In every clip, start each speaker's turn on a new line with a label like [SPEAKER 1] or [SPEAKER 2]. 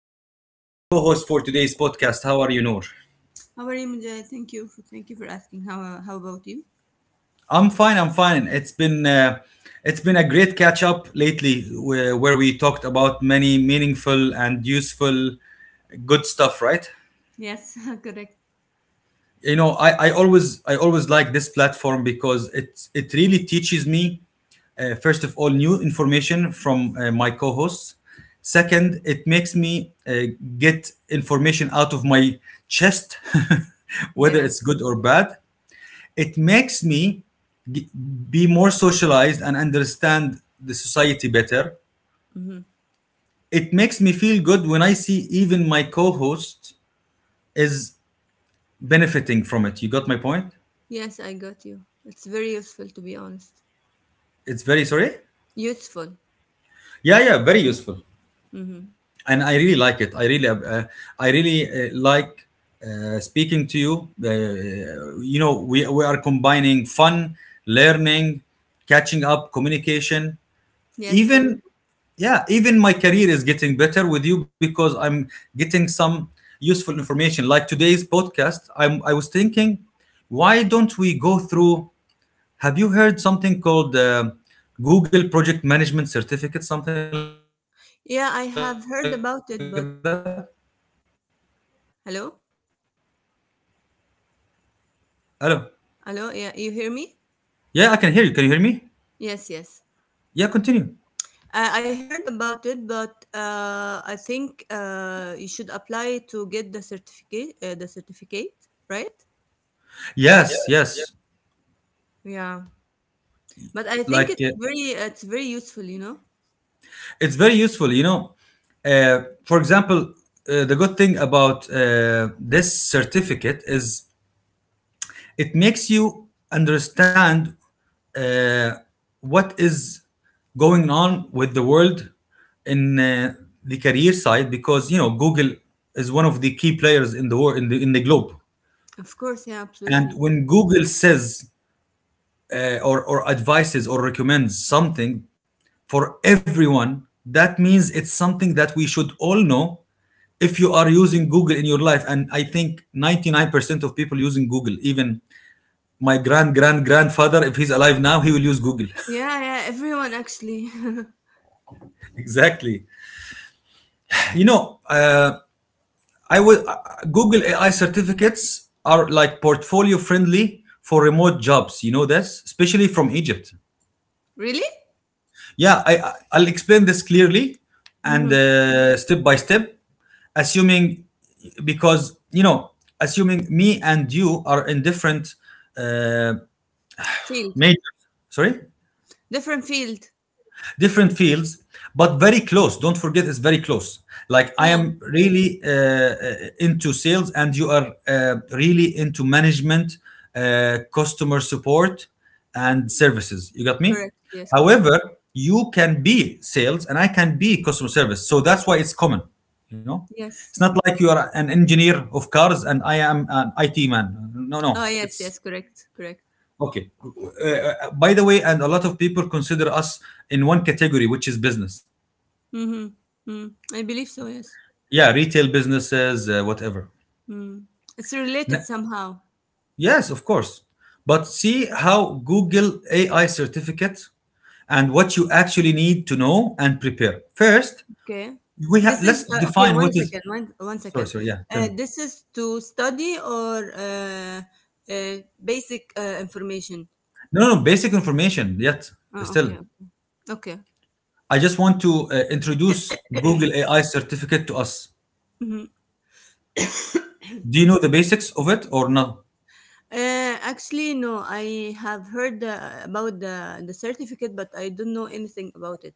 [SPEAKER 1] me as my co-host for today's podcast. How are you, Noor?
[SPEAKER 2] How are you, Mujahid? Thank you. Thank you for asking. How about you?
[SPEAKER 1] I'm fine. I'm fine. It's been a great catch up lately, where we talked about many meaningful and useful, good stuff. Right?
[SPEAKER 2] Yes, correct.
[SPEAKER 1] You know, I always like this platform because it really teaches me first of all, new information from my co hosts. Second, it makes me get information out of my chest, whether
[SPEAKER 2] Yeah.
[SPEAKER 1] it's good or bad. It makes me g- be more socialized and understand the society better.
[SPEAKER 2] Hmm.
[SPEAKER 1] It makes me feel good when I see even my co host is benefiting from it. You got my point?
[SPEAKER 2] Yes, I got you. It's very useful, to be honest.
[SPEAKER 1] It's very, sorry?
[SPEAKER 2] Useful.
[SPEAKER 1] Yeah, yeah, very useful.
[SPEAKER 2] Hmm.
[SPEAKER 1] And I really like it. I really like speaking to you. You know, we are combining fun, learning, catching up, communication.
[SPEAKER 2] Yes. Every.
[SPEAKER 1] Even Yeah, even my career is getting better with you because I'm getting some useful information. Like today's podcast, I was thinking, why don't we go through? Have you heard something called Google Project Management Certificate, something like that?
[SPEAKER 2] Yeah, I have heard about it, but hello,
[SPEAKER 1] But what? Hello.
[SPEAKER 2] hello. Yeah, you hear me?
[SPEAKER 1] Yeah, I can hear you. Can you hear me?
[SPEAKER 2] Yes, yes.
[SPEAKER 1] Yeah, continue.
[SPEAKER 2] I heard about it, but I think you should apply to get the certificate. The certificate, right?
[SPEAKER 1] Yes, yes.
[SPEAKER 2] Yeah. But I think
[SPEAKER 1] Like
[SPEAKER 2] it's very it's very useful. You know.
[SPEAKER 1] it's very useful. Uh, for example, the good thing about this certificate is it makes you understand uh, what is going on with the world in the career side because you know Google is one of the key players in the war in the globe.
[SPEAKER 2] Of course. Yeah.
[SPEAKER 1] And
[SPEAKER 2] Absolutely.
[SPEAKER 1] when Google says or advises or recommends something for everyone, that means it's something that we should all know if you are using Google in your life. And I think 99% of people using Google, even my grand grand grandfather, if he's alive now, he will use Google.
[SPEAKER 2] Yeah, yeah, everyone actually.
[SPEAKER 1] Exactly. You know, I would Google AI certificates are like portfolio friendly for remote jobs. You know this, especially from Egypt.
[SPEAKER 2] Really?
[SPEAKER 1] Yeah, I, will explain this clearly and
[SPEAKER 2] Mm-hmm.
[SPEAKER 1] step by step, assuming because you know, assuming me and you are in different uh,
[SPEAKER 2] Field.
[SPEAKER 1] majors. Sorry,
[SPEAKER 2] Different field.
[SPEAKER 1] different fields, but very close. Don't forget, it's very close. Like, I
[SPEAKER 2] Yeah,
[SPEAKER 1] am really into sales, and you are really into management, customer support and services. You got me?
[SPEAKER 2] correct. Yes, correct.
[SPEAKER 1] However, you can be sales and I can be customer service, so that's why it's common you know it's
[SPEAKER 2] Yes.
[SPEAKER 1] not like you are an engineer of cars and I am an IT man. No, no.
[SPEAKER 2] Oh, yes,
[SPEAKER 1] it's
[SPEAKER 2] yes, correct, correct.
[SPEAKER 1] Okay. By the way, and a lot of people consider us in one category, which is business.
[SPEAKER 2] Mm-hmm. Mm. I believe so, yes.
[SPEAKER 1] Yeah, retail businesses, whatever.
[SPEAKER 2] Mm. It's related
[SPEAKER 1] N-
[SPEAKER 2] somehow.
[SPEAKER 1] yes, of course. But see how Google AI certificate and what you actually need to know and prepare. First,
[SPEAKER 2] Okay.
[SPEAKER 1] we have
[SPEAKER 2] This is,
[SPEAKER 1] let's
[SPEAKER 2] uh, okay,
[SPEAKER 1] define
[SPEAKER 2] one
[SPEAKER 1] what is.
[SPEAKER 2] second, one
[SPEAKER 1] Sorry,
[SPEAKER 2] second.
[SPEAKER 1] sorry. Yeah, tell me.
[SPEAKER 2] This is to study or uh, basic information?
[SPEAKER 1] No, no, no, basic information. Yet
[SPEAKER 2] Oh,
[SPEAKER 1] still,
[SPEAKER 2] okay, okay.
[SPEAKER 1] I just want to introduce Google AI certificate to us.
[SPEAKER 2] Mm-hmm.
[SPEAKER 1] Do you know the basics of it or not?
[SPEAKER 2] Actually, no. I have heard about the certificate, but I don't know anything about it.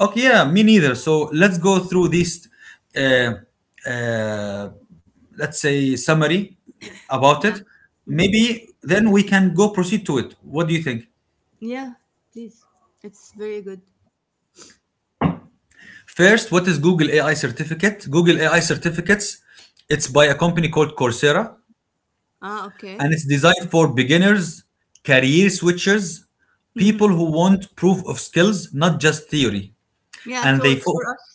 [SPEAKER 1] Okay, yeah, me neither. So let's go through this, uh, uh, let's say, summary about
[SPEAKER 2] Yeah.
[SPEAKER 1] it.
[SPEAKER 2] Mm-hmm.
[SPEAKER 1] Maybe then we can go proceed to it. What do you think?
[SPEAKER 2] Yeah, please. It's very good.
[SPEAKER 1] First, what is Google AI certificate? Google AI certificates, it's by a company called Coursera,
[SPEAKER 2] Ah, okay.
[SPEAKER 1] and it's designed for beginners, career switchers,
[SPEAKER 2] Mm-hmm.
[SPEAKER 1] people who want proof of skills, not just theory.
[SPEAKER 2] Yeah,
[SPEAKER 1] And
[SPEAKER 2] so
[SPEAKER 1] they
[SPEAKER 2] it's
[SPEAKER 1] fo-
[SPEAKER 2] for us.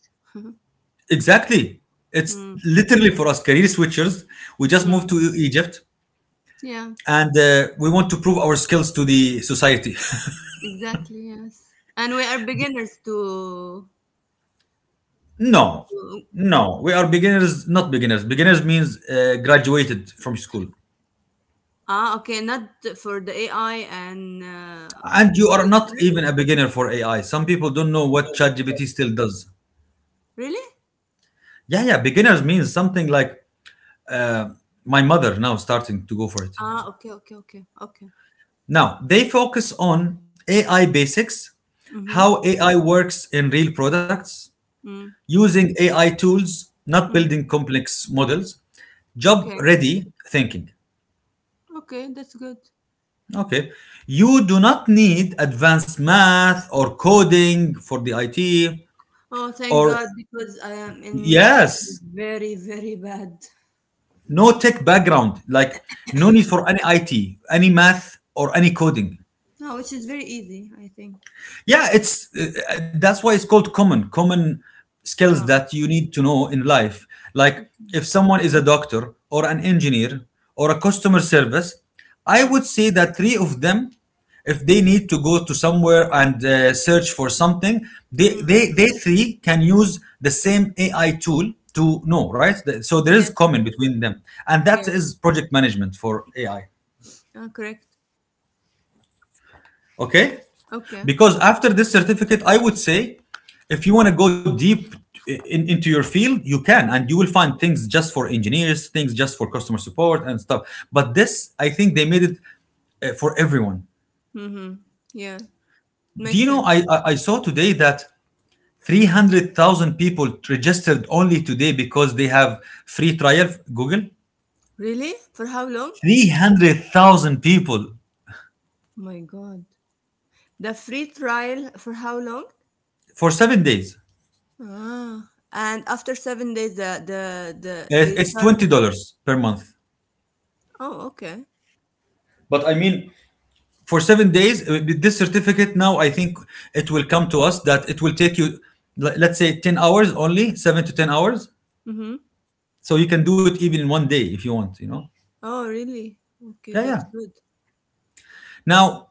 [SPEAKER 1] Exactly. It's
[SPEAKER 2] Mm-hmm.
[SPEAKER 1] literally for us career switchers. We just moved
[SPEAKER 2] Mm-hmm.
[SPEAKER 1] to Egypt,
[SPEAKER 2] Yeah,
[SPEAKER 1] and we want to prove our skills to the society.
[SPEAKER 2] exactly. Yes, and we are beginners to.
[SPEAKER 1] No,
[SPEAKER 2] to
[SPEAKER 1] no, we are beginners, not beginners. Beginners means graduated from school.
[SPEAKER 2] Ah, okay. Not for the AI and
[SPEAKER 1] And you
[SPEAKER 2] Google
[SPEAKER 1] are not
[SPEAKER 2] search.
[SPEAKER 1] even a beginner for AI. Some people don't know what ChatGPT still does.
[SPEAKER 2] Really?
[SPEAKER 1] Yeah, yeah, beginners means something like uh, my mother now starting to go for it.
[SPEAKER 2] Ah, okay, okay, okay, okay.
[SPEAKER 1] Now, they focus on AI basics,
[SPEAKER 2] Mm-hmm.
[SPEAKER 1] how AI works in real products,
[SPEAKER 2] Mm-hmm.
[SPEAKER 1] using AI tools, not
[SPEAKER 2] Mm-hmm.
[SPEAKER 1] building complex models, job
[SPEAKER 2] Okay,
[SPEAKER 1] ready thinking.
[SPEAKER 2] okay. That's good.
[SPEAKER 1] Okay. You do not need advanced math or coding for the IT
[SPEAKER 2] Oh, thank
[SPEAKER 1] or,
[SPEAKER 2] God, because I am in math
[SPEAKER 1] yes,
[SPEAKER 2] I'm very, very bad.
[SPEAKER 1] no tech background, like no need for any IT, any math, or any coding.
[SPEAKER 2] No, which is very easy, I think.
[SPEAKER 1] Yeah, it's that's why it's called common skills
[SPEAKER 2] Oh,
[SPEAKER 1] that you need to know in life. Like, if someone is a doctor or an engineer or a customer service, I
[SPEAKER 2] mm,
[SPEAKER 1] would say that three of them, if they need to go to somewhere and search for something, they,
[SPEAKER 2] mm.
[SPEAKER 1] they they three can use the same AI tool to know, right? So there is
[SPEAKER 2] Yes,
[SPEAKER 1] common
[SPEAKER 2] yes,
[SPEAKER 1] between them, and that
[SPEAKER 2] yeah.
[SPEAKER 1] is project management for AI.
[SPEAKER 2] Oh, correct.
[SPEAKER 1] Okay.
[SPEAKER 2] Okay.
[SPEAKER 1] Because after this certificate, I would say, if you want to go deep into your field, you can, and you will find things just for engineers, things just for customer support and stuff. But this, I think they made it for everyone.
[SPEAKER 2] Mm-hmm. Yeah,
[SPEAKER 1] Do you
[SPEAKER 2] makes
[SPEAKER 1] know,
[SPEAKER 2] sense.
[SPEAKER 1] I saw today that 300,000 people registered only today because they have free trial Google.
[SPEAKER 2] Really? For how long?
[SPEAKER 1] 300,000 people
[SPEAKER 2] My God. The free trial for how long?
[SPEAKER 1] for 7 days.
[SPEAKER 2] Ah, and after 7 days, the
[SPEAKER 1] It-
[SPEAKER 2] they
[SPEAKER 1] it's
[SPEAKER 2] charge.
[SPEAKER 1] $20 per month.
[SPEAKER 2] Oh, okay.
[SPEAKER 1] But I mean, for 7 days with this certificate. Now I think it will come to us that it will take you let's say 10 hours, only 7 to 10 hours,
[SPEAKER 2] Mm-hmm.
[SPEAKER 1] so you can do it even in one day if you want.
[SPEAKER 2] Oh, really? Okay,
[SPEAKER 1] Yeah,
[SPEAKER 2] that's
[SPEAKER 1] yeah.
[SPEAKER 2] good.
[SPEAKER 1] Now,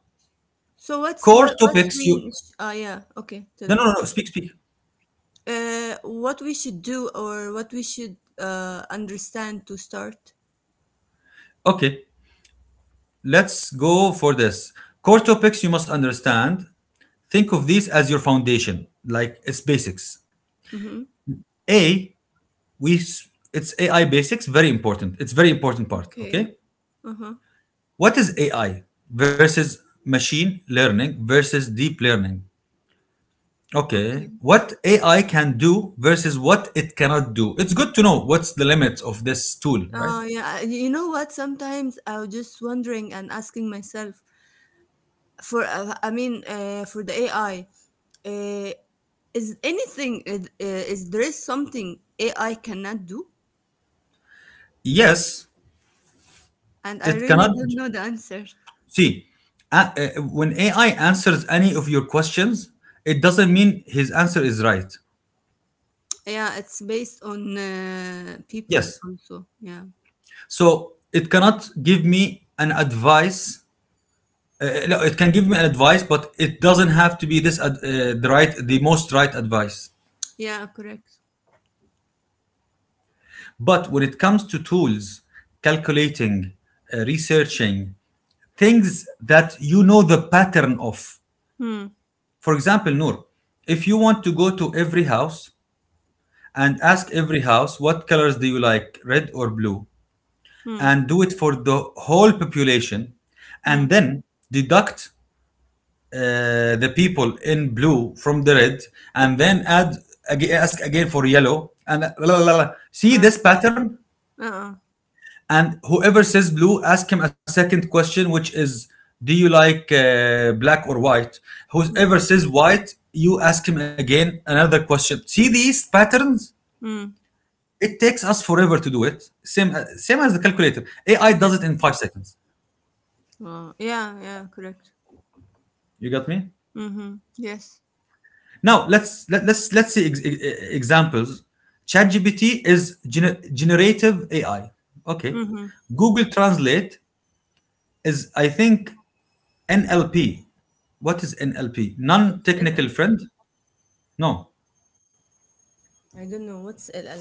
[SPEAKER 2] So what's
[SPEAKER 1] core
[SPEAKER 2] what what's
[SPEAKER 1] topics you.
[SPEAKER 2] we? Ah, yeah. Okay, tell
[SPEAKER 1] No, no,
[SPEAKER 2] me.
[SPEAKER 1] no, no. Speak, speak.
[SPEAKER 2] What we should do or what we should understand to start.
[SPEAKER 1] Okay, let's go for this. Core topics you must understand. Think of these as your foundation, like it's basics.
[SPEAKER 2] Mm-hmm.
[SPEAKER 1] A. we s- it's AI basics, very important. It's very important part. Okay.
[SPEAKER 2] Okay. Uh-huh.
[SPEAKER 1] What is AI versus machine learning versus deep learning? Okay,
[SPEAKER 2] Okay.
[SPEAKER 1] what AI can do versus what it cannot do. It's good to know what's the limits of this tool, right?
[SPEAKER 2] Yeah. You know what? Sometimes I was just wondering and asking myself for the AI, uh, is anything, is there is something AI cannot do?
[SPEAKER 1] Yes,
[SPEAKER 2] And I
[SPEAKER 1] it
[SPEAKER 2] really
[SPEAKER 1] cannot
[SPEAKER 2] don't know the answer.
[SPEAKER 1] see. When AI answers any of your questions, it doesn't mean his answer is right.
[SPEAKER 2] Yeah, it's based on people
[SPEAKER 1] Yes.
[SPEAKER 2] also. Yeah.
[SPEAKER 1] So it cannot give me an advice. No, it can give me an advice, but it doesn't have to be the most right advice.
[SPEAKER 2] Yeah, correct.
[SPEAKER 1] But when it comes to tools, calculating, researching, things that you know the pattern of.
[SPEAKER 2] Hmm.
[SPEAKER 1] For example, Noor, if you want to go to every house and ask every house what colors do you like, red or blue,
[SPEAKER 2] Hmm.
[SPEAKER 1] and do it for the whole population,
[SPEAKER 2] Hmm.
[SPEAKER 1] and then deduct the people in blue from the red, and then add ask again for yellow, and la, la, la, la. See
[SPEAKER 2] Uh,
[SPEAKER 1] this pattern?
[SPEAKER 2] uh-uh.
[SPEAKER 1] And whoever says blue, ask him a second question, which is, do you like black or white?
[SPEAKER 2] Mm,
[SPEAKER 1] Whoever says white, you ask him again another question. See these patterns?
[SPEAKER 2] mm,
[SPEAKER 1] It takes us forever to do it. Same as the calculator. AI
[SPEAKER 2] yeah.
[SPEAKER 1] does it in 5 seconds.
[SPEAKER 2] Oh, yeah, yeah, correct.
[SPEAKER 1] You got me?
[SPEAKER 2] Mm-hmm. Yes.
[SPEAKER 1] Now let's let, let's see examples. ChatGPT is generative AI. Okay.
[SPEAKER 2] Mm-hmm.
[SPEAKER 1] Google Translate is, I think, NLP. What is NLP? Non
[SPEAKER 2] What's L
[SPEAKER 1] technical
[SPEAKER 2] L?
[SPEAKER 1] friend? No.
[SPEAKER 2] I don't know. What's L L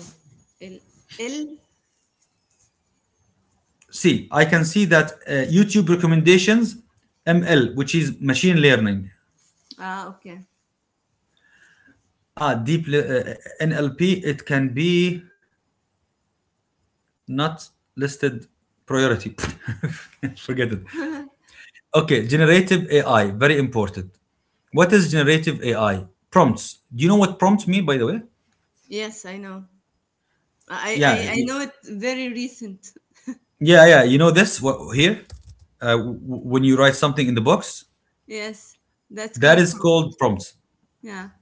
[SPEAKER 2] L? L?
[SPEAKER 1] See, I can see that YouTube recommendations, ML, which is machine learning.
[SPEAKER 2] Ah, okay.
[SPEAKER 1] Ah, NLP, it can be not listed priority. Forget it. Okay, generative AI, very important. What is generative AI? Prompts. Do you know what prompts mean, by the way?
[SPEAKER 2] Yes, I know. I I
[SPEAKER 1] Yeah,
[SPEAKER 2] I know it very recent.
[SPEAKER 1] yeah, yeah. You know this what, here? Uh, w- when you write something in the box,
[SPEAKER 2] Yes, that's
[SPEAKER 1] that
[SPEAKER 2] called
[SPEAKER 1] is
[SPEAKER 2] prom.
[SPEAKER 1] called prompts.
[SPEAKER 2] Yeah.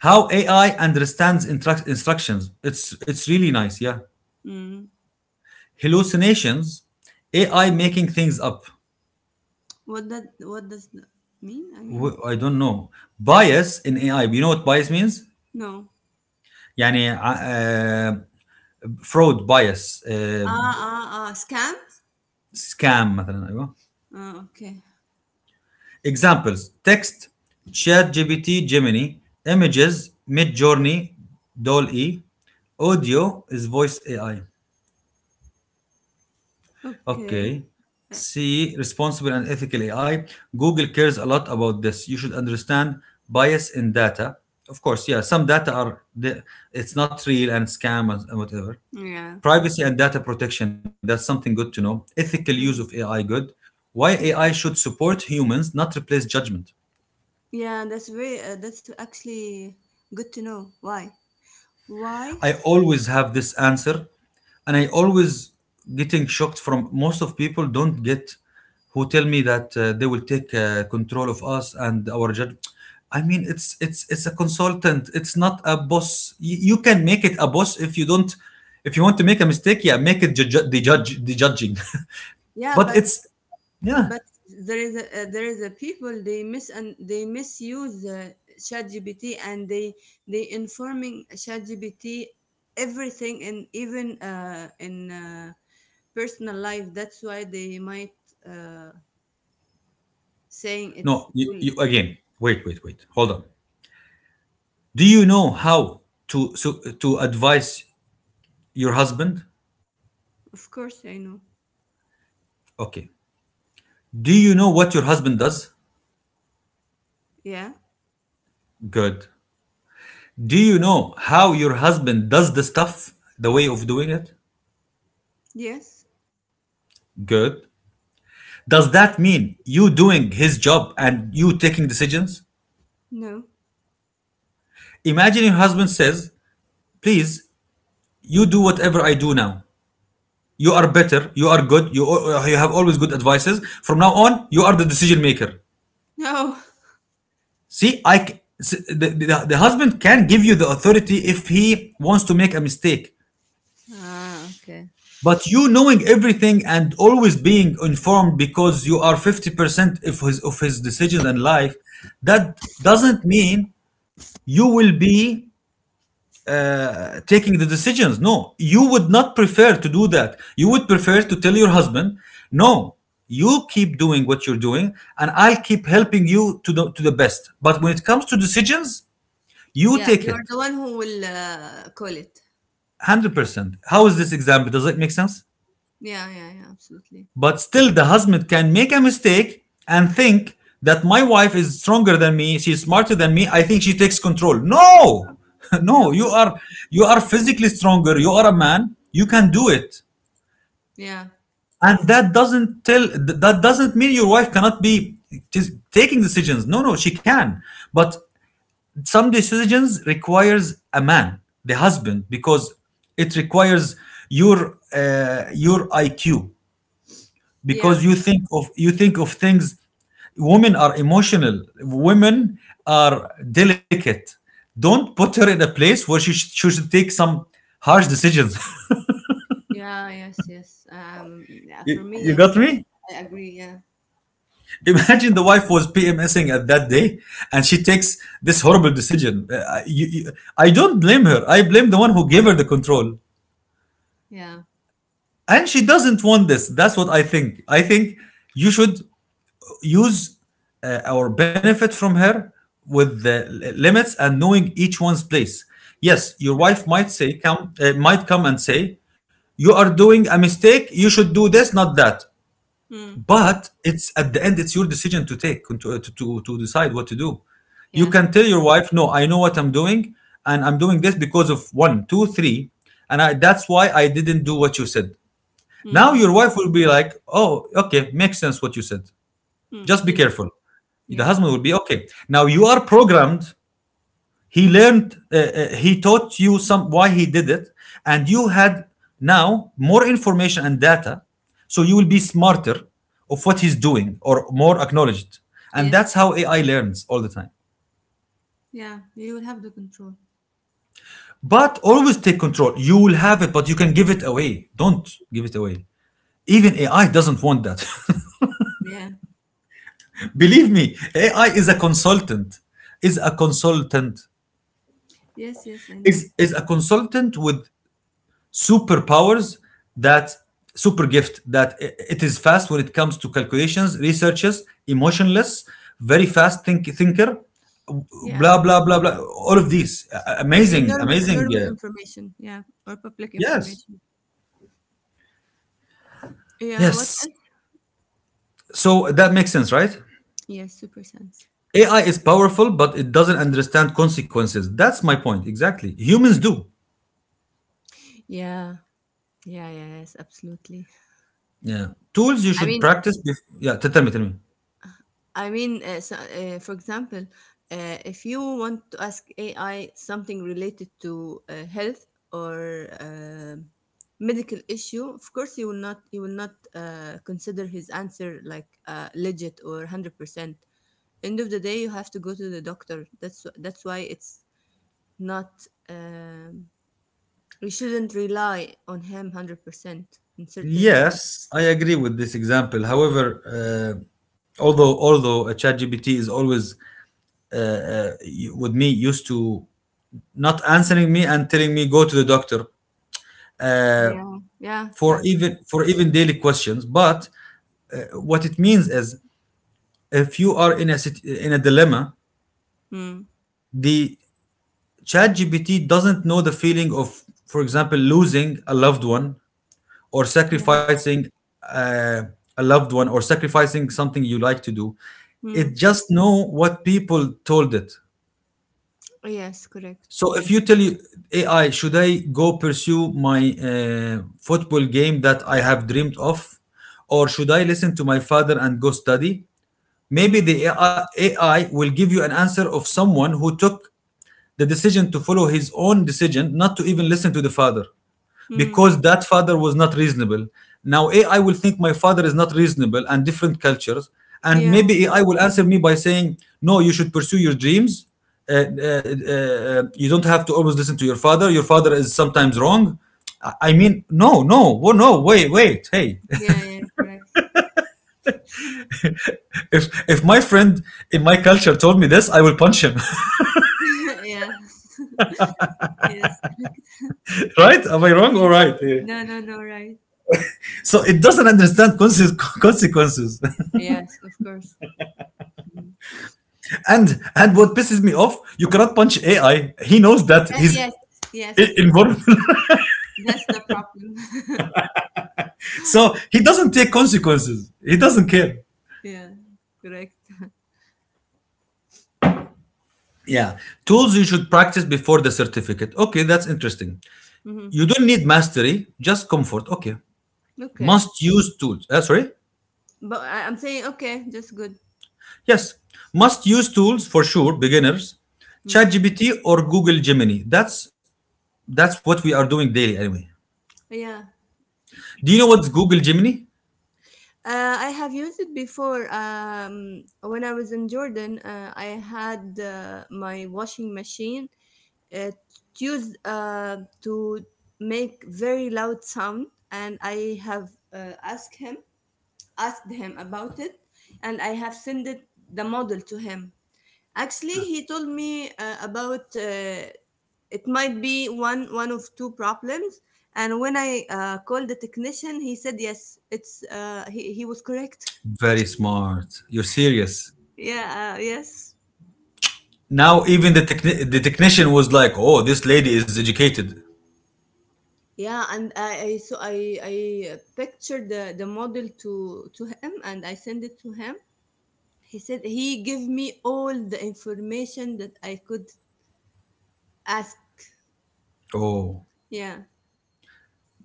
[SPEAKER 1] How AI understands instructions. It's really nice. Yeah.
[SPEAKER 2] Mm.
[SPEAKER 1] Hallucinations. AI making things up.
[SPEAKER 2] What that? What does that mean? I mean,
[SPEAKER 1] I don't know. Bias in AI. You know what bias means?
[SPEAKER 2] no.
[SPEAKER 1] يعني fraud bias
[SPEAKER 2] Ah, ah, ah. Scams.
[SPEAKER 1] scam مثلا ايوه
[SPEAKER 2] Ah, okay.
[SPEAKER 1] examples text chat GPT Gemini images mid journey doll e audio is voice AI.
[SPEAKER 2] Okay.
[SPEAKER 1] Okay.
[SPEAKER 2] Uh,
[SPEAKER 1] C, responsible and ethical AI. Google cares a lot about this. You should understand bias in data. Of course, yeah, some data are, it's not real and scam and whatever.
[SPEAKER 2] yeah.
[SPEAKER 1] Privacy and data protection, that's something good to know. Ethical use of AI,
[SPEAKER 2] Mm.
[SPEAKER 1] good. Why AI
[SPEAKER 2] Yeah.
[SPEAKER 1] should support humans, not replace judgment.
[SPEAKER 2] Yeah, that's actually good to know. Why? Why?
[SPEAKER 1] I always have this answer, and I always getting shocked from most of people don't get who tell me that they will take control of us and our judge. I mean, it's a consultant. It's not a boss. You can make it a boss if you don't. If you want to make a mistake, yeah, make it judge the judging.
[SPEAKER 2] Yeah,
[SPEAKER 1] But
[SPEAKER 2] but
[SPEAKER 1] it's, yeah.
[SPEAKER 2] but there is a people they misuse ChatGPT and they informing ChatGPT everything and even in personal life. That's why they might uh, saying it's
[SPEAKER 1] No, you,
[SPEAKER 2] cool.
[SPEAKER 1] you again. Wait, wait, wait. Hold on. Do you know how to advise your husband?
[SPEAKER 2] Of course, I know.
[SPEAKER 1] Okay. Do you know what your husband does?
[SPEAKER 2] Yeah.
[SPEAKER 1] Good. Do you know how your husband does the stuff? The way of doing it?
[SPEAKER 2] Yes.
[SPEAKER 1] Good. Does that mean you doing his job and you taking decisions?
[SPEAKER 2] No.
[SPEAKER 1] Imagine your husband says, please, you do whatever I do now. You are better, you are good, you have always good advices. From now on, you are the decision maker.
[SPEAKER 2] No.
[SPEAKER 1] See, I The husband can give you the authority if he wants to make a mistake.
[SPEAKER 2] Ah, okay.
[SPEAKER 1] But you knowing everything and always being informed because you are 50% of of his decisions and life, that doesn't mean you will be taking the decisions. No, you would not prefer to do that. You would prefer to tell your husband, no, you keep doing what you're doing and I'll keep helping you to to the best. But when it comes to decisions, you
[SPEAKER 2] Yeah,
[SPEAKER 1] take
[SPEAKER 2] you're
[SPEAKER 1] it
[SPEAKER 2] the one who will call it.
[SPEAKER 1] 100%. How is this example? Does it make sense?
[SPEAKER 2] Yeah, yeah, yeah, absolutely.
[SPEAKER 1] But still, the husband can make a mistake and think that my wife is stronger than me, she's smarter than me, I think she takes control. No!
[SPEAKER 2] No,
[SPEAKER 1] No,
[SPEAKER 2] no, no.
[SPEAKER 1] you are physically stronger, you are a man, you can do it.
[SPEAKER 2] Yeah,
[SPEAKER 1] And that doesn't that doesn't mean your wife cannot be taking decisions. No, no, she can. But some decisions requires a man, the husband, because it requires your IQ because
[SPEAKER 2] yeah,
[SPEAKER 1] you think of things. Women are emotional, women are delicate, don't put her in a place where she should take some harsh decisions.
[SPEAKER 2] yeah, yes, yes. Yeah,
[SPEAKER 1] you,
[SPEAKER 2] for me,
[SPEAKER 1] you
[SPEAKER 2] yes,
[SPEAKER 1] got me.
[SPEAKER 2] I agree. Yeah,
[SPEAKER 1] Imagine the wife was pmsing at that day and she takes this horrible decision. I don't blame her, I blame the one who gave her the control,
[SPEAKER 2] yeah,
[SPEAKER 1] and she doesn't want this. That's what I think. I think you should use or benefit from her with the limits and knowing each one's place. Yes, your
[SPEAKER 2] yeah,
[SPEAKER 1] wife might say come might come and say you are doing a mistake. You should do this, not that.
[SPEAKER 2] mm,
[SPEAKER 1] But it's at the end, it's your decision to take to decide what to do. You
[SPEAKER 2] yeah,
[SPEAKER 1] can tell your wife, no, I know what I'm doing, and I'm doing this because of one, two, three, and that's why I didn't do what you said. Now
[SPEAKER 2] mm-hmm,
[SPEAKER 1] your wife will be like, oh, okay, makes sense what you said.
[SPEAKER 2] mm,
[SPEAKER 1] Just be
[SPEAKER 2] yes,
[SPEAKER 1] careful. The
[SPEAKER 2] yes,
[SPEAKER 1] husband
[SPEAKER 2] yes,
[SPEAKER 1] will be okay, now you are programmed, he learned, he taught you some why he did it, and you had now more information and data, so you will be smarter of what he's doing, or more acknowledged. And that's
[SPEAKER 2] yes,
[SPEAKER 1] how
[SPEAKER 2] yes.
[SPEAKER 1] AI learns all the time.
[SPEAKER 2] Yeah. You will have the control.
[SPEAKER 1] But always take control. You will have it but you can give it away. Don't give it away. Even AI doesn't want that.
[SPEAKER 2] Yeah,
[SPEAKER 1] Believe me, AI is a consultant, is a consultant,
[SPEAKER 2] yes, yes, I know.
[SPEAKER 1] is a consultant with superpowers, that super gift, that it is fast when it comes to calculations, researches, emotionless, very fast thinker,
[SPEAKER 2] Yeah,
[SPEAKER 1] blah blah blah blah. All of these
[SPEAKER 2] I mean,
[SPEAKER 1] amazing,
[SPEAKER 2] normal,
[SPEAKER 1] amazing.
[SPEAKER 2] normal information, yeah, or public
[SPEAKER 1] Yes,
[SPEAKER 2] information. Yeah, what
[SPEAKER 1] yes.
[SPEAKER 2] else?
[SPEAKER 1] So that makes sense, right?
[SPEAKER 2] Yes, super sense.
[SPEAKER 1] AI is powerful, but it doesn't understand consequences. That's my point exactly. Humans do.
[SPEAKER 2] Yeah, yeah, yeah, yes, absolutely.
[SPEAKER 1] Yeah, tools you
[SPEAKER 2] I
[SPEAKER 1] should
[SPEAKER 2] mean,
[SPEAKER 1] practice. Yeah, tell me, tell me.
[SPEAKER 2] I mean, so, for example, if you want to ask AI something related to health or medical issue, of course, you will not consider his answer like legit or 100%. End of the day, you have to go to the doctor. That's why it's not. We shouldn't rely on him 100% in certain.
[SPEAKER 1] Yes, I agree with this example. However, although ChatGPT is always with me used to not answering me and telling me go to the doctor
[SPEAKER 2] Yeah, yeah,
[SPEAKER 1] for
[SPEAKER 2] yeah, correct.
[SPEAKER 1] even, for even daily questions. But what it means is if you are in a in a dilemma,
[SPEAKER 2] Hmm.
[SPEAKER 1] the ChatGPT doesn't know the feeling of, for example, losing a loved one, or
[SPEAKER 2] Yeah.
[SPEAKER 1] sacrificing uh, a loved one, or sacrificing something you like to do. It
[SPEAKER 2] Hmm.
[SPEAKER 1] just know what people told it.
[SPEAKER 2] Yes, correct.
[SPEAKER 1] So if you tell, you AI, should I go pursue my football game that I have dreamed of, or should I listen to my father and go study? Maybe
[SPEAKER 2] Hmm.
[SPEAKER 1] the AI will give you an answer of someone who took the decision to follow his own decision, not to even listen to the father,
[SPEAKER 2] Mm.
[SPEAKER 1] because that father was not reasonable. Now AI will think my father is not reasonable and different cultures, and
[SPEAKER 2] Yeah,
[SPEAKER 1] maybe AI will answer me by saying, "No, you should pursue your dreams. You don't have to always listen to your father. Your father is sometimes wrong." I mean, no, no, well, no, hey.
[SPEAKER 2] yeah, yeah, correct.
[SPEAKER 1] if if my friend in my culture told me this, I will punch him.
[SPEAKER 2] Yeah, yes, correct.
[SPEAKER 1] Right? Am I wrong? All
[SPEAKER 2] Yes.
[SPEAKER 1] right. Yeah.
[SPEAKER 2] No, no, no, right.
[SPEAKER 1] So it doesn't understand consequences.
[SPEAKER 2] Yes, of course. Mhm.
[SPEAKER 1] And what pisses me off, you cannot punch AI. He knows that he's
[SPEAKER 2] Yes, yes.
[SPEAKER 1] invulnerable.
[SPEAKER 2] That's the problem.
[SPEAKER 1] So he doesn't take consequences. He doesn't care.
[SPEAKER 2] Yeah, correct.
[SPEAKER 1] Yeah, tools you should practice before the certificate. Okay, that's interesting.
[SPEAKER 2] Hmm.
[SPEAKER 1] You don't need mastery, just comfort. Okay,
[SPEAKER 2] Okay.
[SPEAKER 1] must use tools. Sorry,
[SPEAKER 2] But I'm saying, okay, that's good.
[SPEAKER 1] yes, must use tools for sure. Beginners,
[SPEAKER 2] Mm.
[SPEAKER 1] ChatGPT or Google Gemini. That's what we are doing daily anyway.
[SPEAKER 2] Yeah.
[SPEAKER 1] Do you know what's Google Gemini?
[SPEAKER 2] I have used it before. When I was in Jordan, I had my washing machine. It used to make very loud sound, and I have asked him about it, and I have sent it, the model to him. Actually, he told me about it might be one of two problems. And when I called the technician, he said yes, it's he was correct.
[SPEAKER 1] Very smart. You're serious.
[SPEAKER 2] Yeah, yes.
[SPEAKER 1] Now even the the technician was like, "Oh, this lady is educated."
[SPEAKER 2] Yeah, and I so I pictured the model to him and I sent it to him. He said he gave me all the information that I could ask.
[SPEAKER 1] Oh,
[SPEAKER 2] Yeah,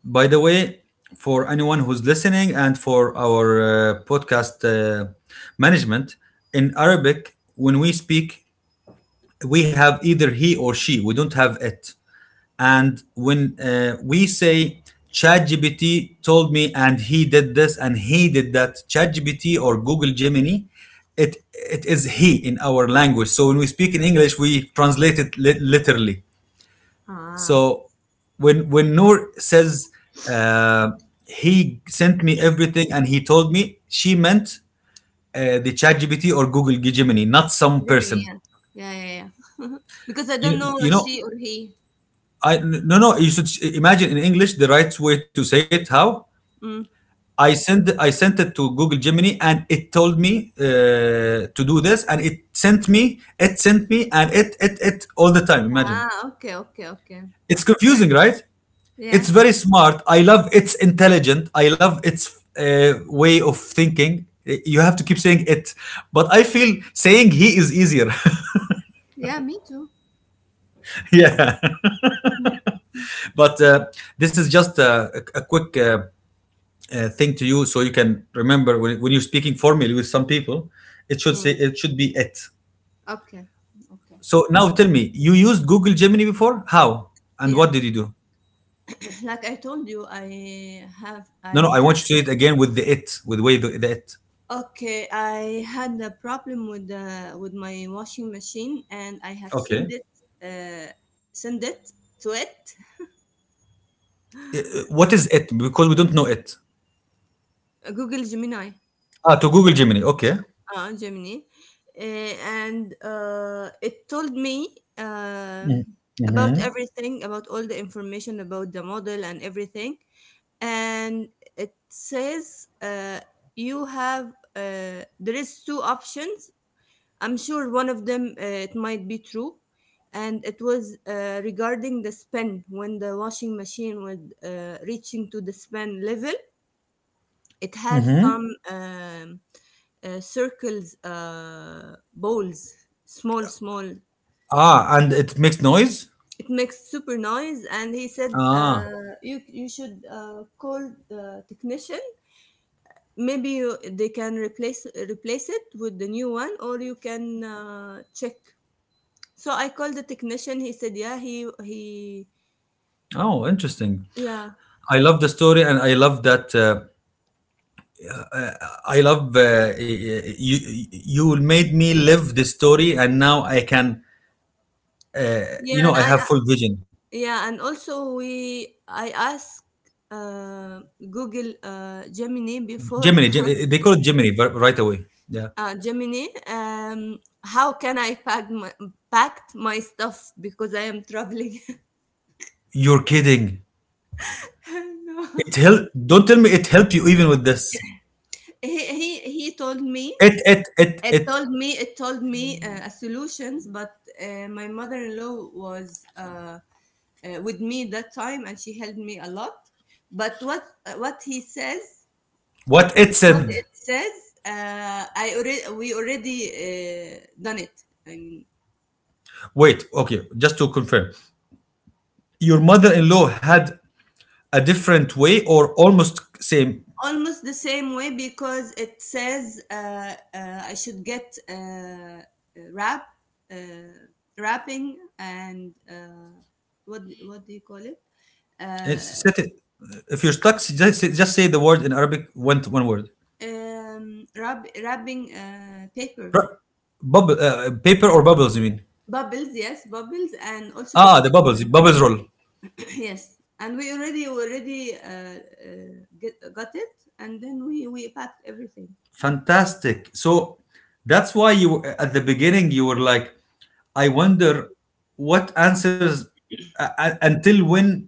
[SPEAKER 1] by the way, for anyone who's listening and for our podcast management in Arabic, when we speak, we have either he or she. We don't have it. And when we say ChatGPT told me and he did this and he did that, ChatGPT or Google Gemini, it is he in our language. So when we speak in English, we translate it literally.
[SPEAKER 2] ah,
[SPEAKER 1] So when Noor says uh, he sent me everything and he told me, she meant the ChatGPT or Google Gemini, not some
[SPEAKER 2] Gemini.
[SPEAKER 1] person.
[SPEAKER 2] Yeah, yeah, yeah. Yeah. Because I
[SPEAKER 1] You
[SPEAKER 2] don't
[SPEAKER 1] you
[SPEAKER 2] know
[SPEAKER 1] know,
[SPEAKER 2] she or he.
[SPEAKER 1] I no, no, you should imagine in English the right way to say it. How?
[SPEAKER 2] Mm.
[SPEAKER 1] I sent it to Google Gemini, and it told me to do this, and it sent me, it sent me and it it all the time. Imagine,
[SPEAKER 2] Ah, okay, okay, okay.
[SPEAKER 1] it's
[SPEAKER 2] All right.
[SPEAKER 1] confusing, right? It's
[SPEAKER 2] Yeah,
[SPEAKER 1] very smart. I love it's intelligent. I love its way of thinking. You have to keep saying it, but I feel saying he is easier.
[SPEAKER 2] yeah. Me too.
[SPEAKER 1] Yeah, but this is just a, quick thing to you, so you can remember when you're speaking formally with some people.
[SPEAKER 2] Mm.
[SPEAKER 1] It should be it.
[SPEAKER 2] Okay, okay.
[SPEAKER 1] So now tell me, you used Google Gemini before? How? And
[SPEAKER 2] Yeah,
[SPEAKER 1] what did you do?
[SPEAKER 2] like I told you, I have
[SPEAKER 1] No, no,
[SPEAKER 2] I
[SPEAKER 1] I want you to say it again with the it, with the way the it.
[SPEAKER 2] okay, I had a problem with the with my washing machine, and I have
[SPEAKER 1] Okay.
[SPEAKER 2] uh, send it to it,
[SPEAKER 1] What is it? Because we don't know it.
[SPEAKER 2] Google Gemini,
[SPEAKER 1] Ah, to Google Gemini. Okay.
[SPEAKER 2] Gemini, uh, and it told me um, about everything, about all the information about the model and everything, and it says you have there is two options. I'm sure one of them it might be true, and it was regarding the spin when the washing machine was reaching to the spin level. It has some circles, balls, small, small.
[SPEAKER 1] Ah, and it makes noise?
[SPEAKER 2] It makes super noise, and he said
[SPEAKER 1] Ah.
[SPEAKER 2] you should call the technician. Maybe they can replace it with the new one, or you can check. So I called the technician, he said, "Yeah, he.
[SPEAKER 1] Oh, interesting.
[SPEAKER 2] Yeah."
[SPEAKER 1] I love the story and I love that. I love you, you made me live this story and now I can, you
[SPEAKER 2] Yeah,
[SPEAKER 1] know,
[SPEAKER 2] and
[SPEAKER 1] I have full vision.
[SPEAKER 2] yeah, and also we I asked, uh, Google, Gemini
[SPEAKER 1] Gemini,
[SPEAKER 2] before.
[SPEAKER 1] They call it Gemini but right away. Yeah.
[SPEAKER 2] uh, Gemini, um, how can I packed my stuff because I am traveling.
[SPEAKER 1] You're kidding.
[SPEAKER 2] No.
[SPEAKER 1] It help. Don't tell me it helped you even with this.
[SPEAKER 2] He he he told me
[SPEAKER 1] It
[SPEAKER 2] it
[SPEAKER 1] it.
[SPEAKER 2] told me It told me, a solutions, but, my mother-in-law was, with me that time and she helped me a lot, but
[SPEAKER 1] What it
[SPEAKER 2] what
[SPEAKER 1] said.
[SPEAKER 2] it says, I already we already done it. I mean,
[SPEAKER 1] Wait. Okay. Just to confirm, your mother-in-law had a different way, or almost same.
[SPEAKER 2] almost the same way because it says I should get rap uh, wrapping and what do you call it, uh,
[SPEAKER 1] It's set it. If you're stuck, just say the word in Arabic. One, one word.
[SPEAKER 2] rubbing paper.
[SPEAKER 1] Ra- Bubble, paper or bubbles? You mean?
[SPEAKER 2] Bubbles, yes, bubbles, and also the
[SPEAKER 1] Ah, the
[SPEAKER 2] stick.
[SPEAKER 1] bubbles. Bubbles roll.
[SPEAKER 2] Yes, and we already uh, got it, and then we packed everything.
[SPEAKER 1] Fantastic. So that's why you at the beginning you were like, I wonder what answers until when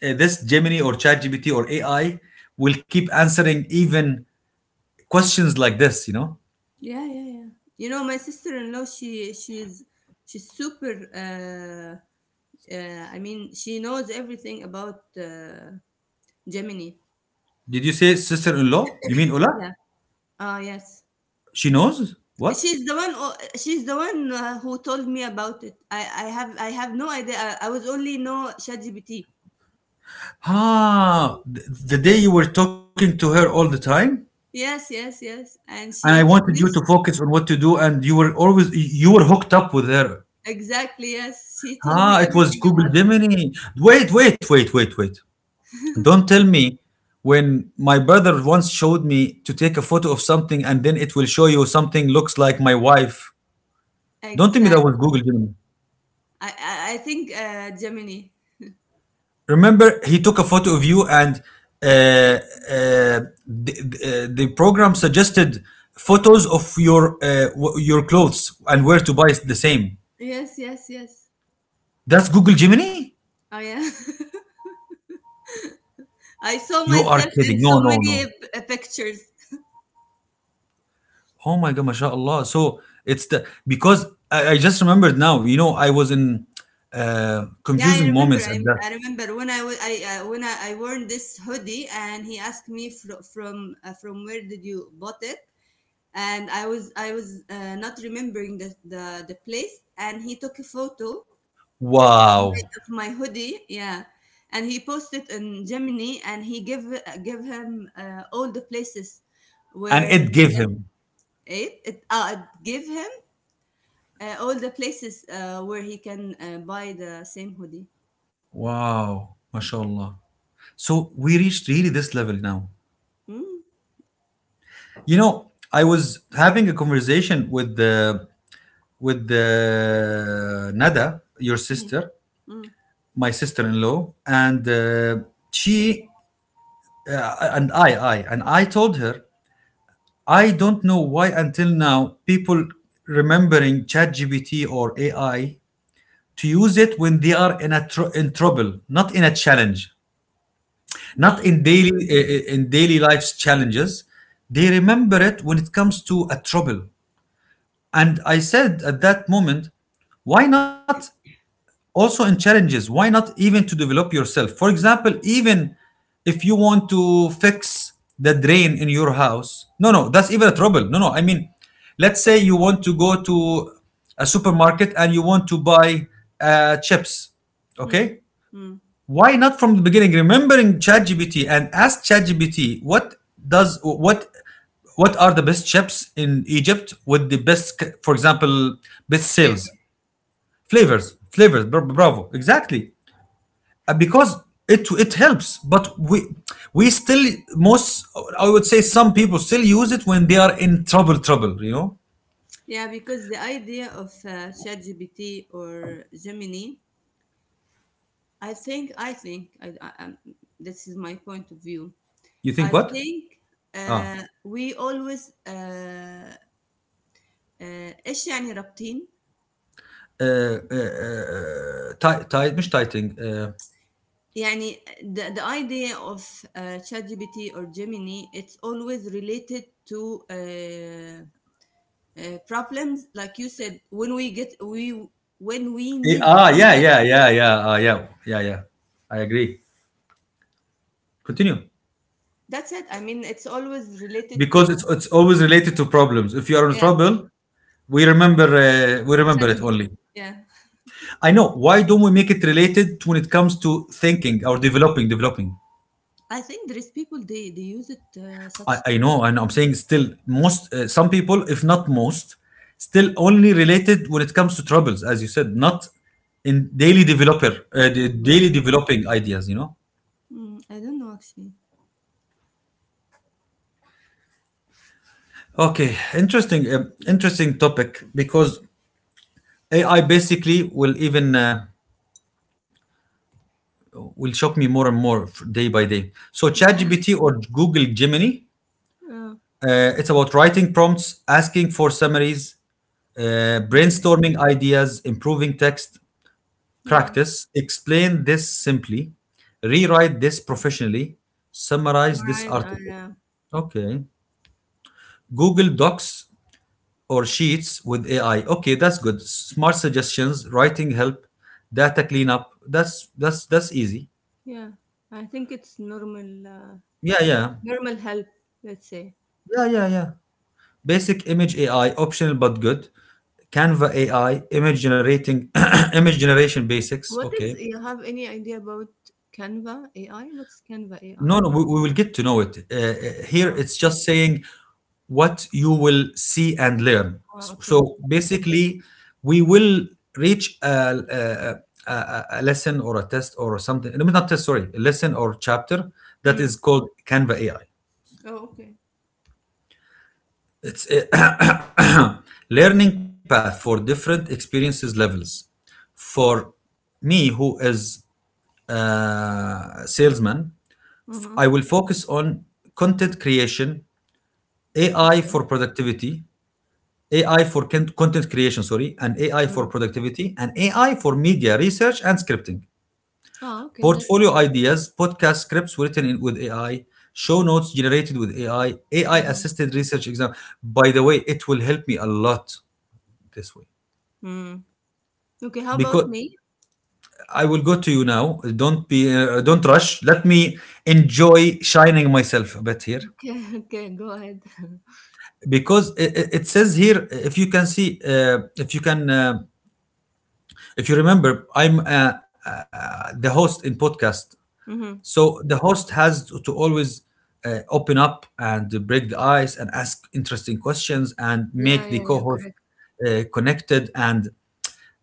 [SPEAKER 1] this Gemini or ChatGPT or AI will keep answering even questions like this. You know?
[SPEAKER 2] Yeah, yeah, yeah. You know, my sister-in-law, she's super. I mean, she knows everything about Gemini.
[SPEAKER 1] Did you say sister-in-law? You mean Ola?
[SPEAKER 2] Yeah. Ah, yes.
[SPEAKER 1] She knows what?
[SPEAKER 2] She's the one. She's the one who told me about it. I have no idea. I was only know ChatGPT.
[SPEAKER 1] Ah, the day you were talking to her all the time,
[SPEAKER 2] Yes, yes, yes. And
[SPEAKER 1] and I
[SPEAKER 2] she
[SPEAKER 1] wanted you
[SPEAKER 2] introduced
[SPEAKER 1] to focus on what to do, and you were always, you were hooked up with her.
[SPEAKER 2] exactly. Yes, she told
[SPEAKER 1] Ah,
[SPEAKER 2] me
[SPEAKER 1] it was
[SPEAKER 2] everything
[SPEAKER 1] Google
[SPEAKER 2] about it.
[SPEAKER 1] Gemini. Wait. Don't tell me, when my brother once showed me to take a photo of something and then it will show you something looks like my wife. Don't tell me that was
[SPEAKER 2] Exactly.
[SPEAKER 1] Google Gemini.
[SPEAKER 2] I think Gemini.
[SPEAKER 1] Remember, he took a photo of you, and uh, uh, the program suggested photos of your your clothes and where to buy the same.
[SPEAKER 2] Yes, yes, yes.
[SPEAKER 1] That's Google Gemini?
[SPEAKER 2] Oh, yeah. I
[SPEAKER 1] You
[SPEAKER 2] saw
[SPEAKER 1] are
[SPEAKER 2] myself
[SPEAKER 1] kidding.
[SPEAKER 2] in
[SPEAKER 1] No,
[SPEAKER 2] so
[SPEAKER 1] no, no.
[SPEAKER 2] many pictures.
[SPEAKER 1] Oh my god, mashallah. So it's the, because I just remembered now, you know, I was in
[SPEAKER 2] Yeah, I
[SPEAKER 1] confusing
[SPEAKER 2] remember.
[SPEAKER 1] moments at that.
[SPEAKER 2] I remember when I, w- I when I wore this hoodie, and he asked me from where did you bought it, and I was not remembering the place, and he took a photo, my
[SPEAKER 1] Wow.
[SPEAKER 2] of my hoodie, yeah. And he posted in Gemini, and he give him all the places
[SPEAKER 1] And
[SPEAKER 2] where
[SPEAKER 1] it
[SPEAKER 2] he
[SPEAKER 1] gave
[SPEAKER 2] can
[SPEAKER 1] him.
[SPEAKER 2] it it give him all the places where he can buy the same hoodie.
[SPEAKER 1] Wow, mashallah. So we reached really this level now.
[SPEAKER 2] Mm,
[SPEAKER 1] You know, I was having a conversation with the Nada, your
[SPEAKER 2] mm,
[SPEAKER 1] sister,
[SPEAKER 2] mm,
[SPEAKER 1] my sister-in-law, and she and I told her I don't know why until now people remembering ChatGPT or AI to use it when they are in a in trouble, not in a challenge, not in
[SPEAKER 2] mm,
[SPEAKER 1] daily in daily life's challenges. They remember it when it comes to a trouble. And I said at that moment, why not also in challenges? Why not even to develop yourself, for example? Even if you want to fix the drain in your house, no no, that's even a trouble. No no, I mean, let's say you want to go to a supermarket and you want to buy chips. Okay,
[SPEAKER 2] mm, mm.
[SPEAKER 1] why not from the beginning remembering ChatGPT and ask ChatGPT what does what are the best chips in Egypt with the best, for example, best
[SPEAKER 2] Flavor.
[SPEAKER 1] sales, flavors. Bravo, exactly. Because it helps, but we, we still, most, I would say, some people still use it when they are in trouble, you know.
[SPEAKER 2] Yeah, because the idea of ChatGPT or Gemini, I think I think I, this is my point of view.
[SPEAKER 1] You think
[SPEAKER 2] I
[SPEAKER 1] what?
[SPEAKER 2] think
[SPEAKER 1] Ah,
[SPEAKER 2] we always آه، آه، إيش يعني رابطين؟
[SPEAKER 1] tight مش tighting.
[SPEAKER 2] يعني the idea of ChatGPT or Gemini it's always related to problems like you said when we need some
[SPEAKER 1] Yeah,
[SPEAKER 2] help.
[SPEAKER 1] yeah, yeah, yeah, ah, yeah, yeah, yeah. I agree. Continue.
[SPEAKER 2] That's it. I mean, it's always related
[SPEAKER 1] Because
[SPEAKER 2] to,
[SPEAKER 1] it's always related to problems. If you are in
[SPEAKER 2] yeah,
[SPEAKER 1] trouble, we remember uh, we remember it
[SPEAKER 2] ChatGPT.
[SPEAKER 1] only.
[SPEAKER 2] Yeah,
[SPEAKER 1] I know. Why don't we make it related when it comes to thinking or developing? Developing.
[SPEAKER 2] I think there is people they use it
[SPEAKER 1] I
[SPEAKER 2] such.
[SPEAKER 1] know, and I'm saying still, most, some people, if not most, still only related when it comes to troubles, as you said, not in daily developer, the daily
[SPEAKER 2] Mm,
[SPEAKER 1] developing ideas, you know?
[SPEAKER 2] mm, I don't know actually.
[SPEAKER 1] Okay, interesting, interesting topic, because AI basically will even will shock me more and more day by day. So
[SPEAKER 2] Yeah.
[SPEAKER 1] ChatGPT or Google Gemini,
[SPEAKER 2] Uh,
[SPEAKER 1] it's about writing prompts, asking for summaries,
[SPEAKER 2] mm,
[SPEAKER 1] brainstorming ideas, improving text
[SPEAKER 2] yeah.
[SPEAKER 1] practice. Explain this simply. Rewrite this professionally. Summarize this
[SPEAKER 2] Right, I
[SPEAKER 1] article.
[SPEAKER 2] yeah.
[SPEAKER 1] Okay. Google Docs or Sheets with AI. Okay, that's good. Smart suggestions, writing help, data cleanup. That's easy.
[SPEAKER 2] Yeah. I think it's
[SPEAKER 1] Yeah, yeah.
[SPEAKER 2] normal help, let's say.
[SPEAKER 1] Yeah, yeah, yeah. Basic image AI, optional but good. Canva AI, image generating, image generation basics. Okay.
[SPEAKER 2] You have any idea about Canva AI? What's Canva
[SPEAKER 1] No,
[SPEAKER 2] AI?
[SPEAKER 1] no, we will get to know it. Here,
[SPEAKER 2] Oh,
[SPEAKER 1] it's just
[SPEAKER 2] okay.
[SPEAKER 1] saying what you will see and learn.
[SPEAKER 2] Oh, okay.
[SPEAKER 1] So basically, we will reach a lesson or a test or something. No, not test. Sorry, a lesson or chapter that is
[SPEAKER 2] Mm.
[SPEAKER 1] called Canva AI.
[SPEAKER 2] Oh, okay.
[SPEAKER 1] It's a learning path for different experiences levels. For me, who is a salesman,
[SPEAKER 2] Mm-hmm.
[SPEAKER 1] I will focus on content creation, AI
[SPEAKER 2] Okay.
[SPEAKER 1] for productivity, content creation, sorry, and AI for
[SPEAKER 2] Mm.
[SPEAKER 1] productivity, and AI for media research and scripting.
[SPEAKER 2] Oh, okay. That's
[SPEAKER 1] Portfolio
[SPEAKER 2] good.
[SPEAKER 1] ideas, podcast scripts written in, with AI, show notes generated with AI, AI
[SPEAKER 2] Mm-hmm.
[SPEAKER 1] assisted research exam. By the way, it will help me a lot this way,
[SPEAKER 2] Mm. Okay. How about
[SPEAKER 1] because
[SPEAKER 2] me?
[SPEAKER 1] I will go to you now. Don't be, don't rush. Let me enjoy shining myself a bit here,
[SPEAKER 2] Okay. Okay. Go ahead.
[SPEAKER 1] because it says here if you can see, if you can. If you remember, I'm the host in podcast,
[SPEAKER 2] Mm-hmm.
[SPEAKER 1] so the host has to always open up and break the ice and ask interesting questions and
[SPEAKER 2] Yeah.
[SPEAKER 1] make the
[SPEAKER 2] Yeah. Yeah.
[SPEAKER 1] co-host
[SPEAKER 2] Correct.
[SPEAKER 1] connected. And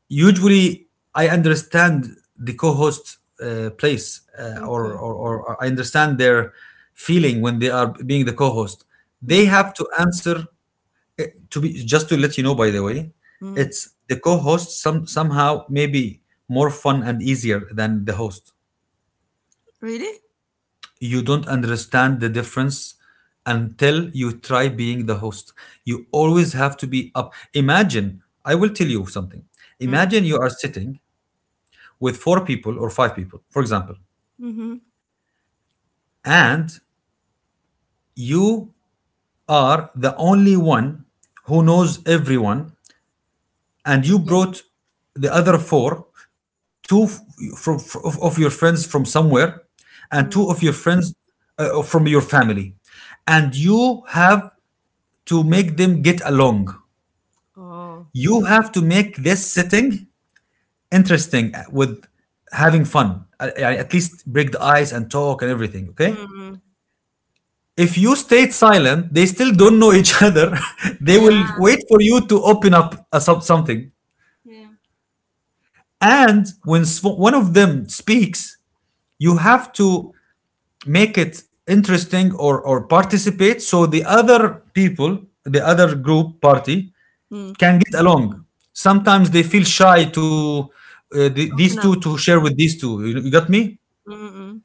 [SPEAKER 1] usually, I understand the co-host place,
[SPEAKER 2] Okay.
[SPEAKER 1] or I understand their feeling when they are being the co-host. They
[SPEAKER 2] Mm-hmm.
[SPEAKER 1] have to answer, to be, just to let you know, by the way,
[SPEAKER 2] Mm.
[SPEAKER 1] it's the co-host, some, somehow, maybe more fun and easier than the host.
[SPEAKER 2] Really?
[SPEAKER 1] You don't understand the difference until you try being the host. You always have to be up. Imagine I will tell you something.
[SPEAKER 2] Mm.
[SPEAKER 1] Imagine you are sitting with four people or five people, for example,
[SPEAKER 2] Mm-hmm.
[SPEAKER 1] and you are the only one who knows everyone, and you
[SPEAKER 2] Okay.
[SPEAKER 1] brought the other four, two f- from of your friends from somewhere, and two of your
[SPEAKER 2] Mm.
[SPEAKER 1] friends from your family, and you have to make them get along.
[SPEAKER 2] Oh.
[SPEAKER 1] You have to make this sitting interesting with having fun. At least break the ice and talk and everything. Okay.
[SPEAKER 2] Mm-hmm.
[SPEAKER 1] If you stayed silent, they still don't know each other. They
[SPEAKER 2] Yeah.
[SPEAKER 1] will wait for you to open up something.
[SPEAKER 2] Yeah.
[SPEAKER 1] And when one of them speaks, you have to make it interesting, or participate, so the other people, the other group, party,
[SPEAKER 2] Mm.
[SPEAKER 1] can get along. Sometimes they feel shy to these
[SPEAKER 2] Open
[SPEAKER 1] two
[SPEAKER 2] up.
[SPEAKER 1] to share with these two. You got me?
[SPEAKER 2] Mm-mm.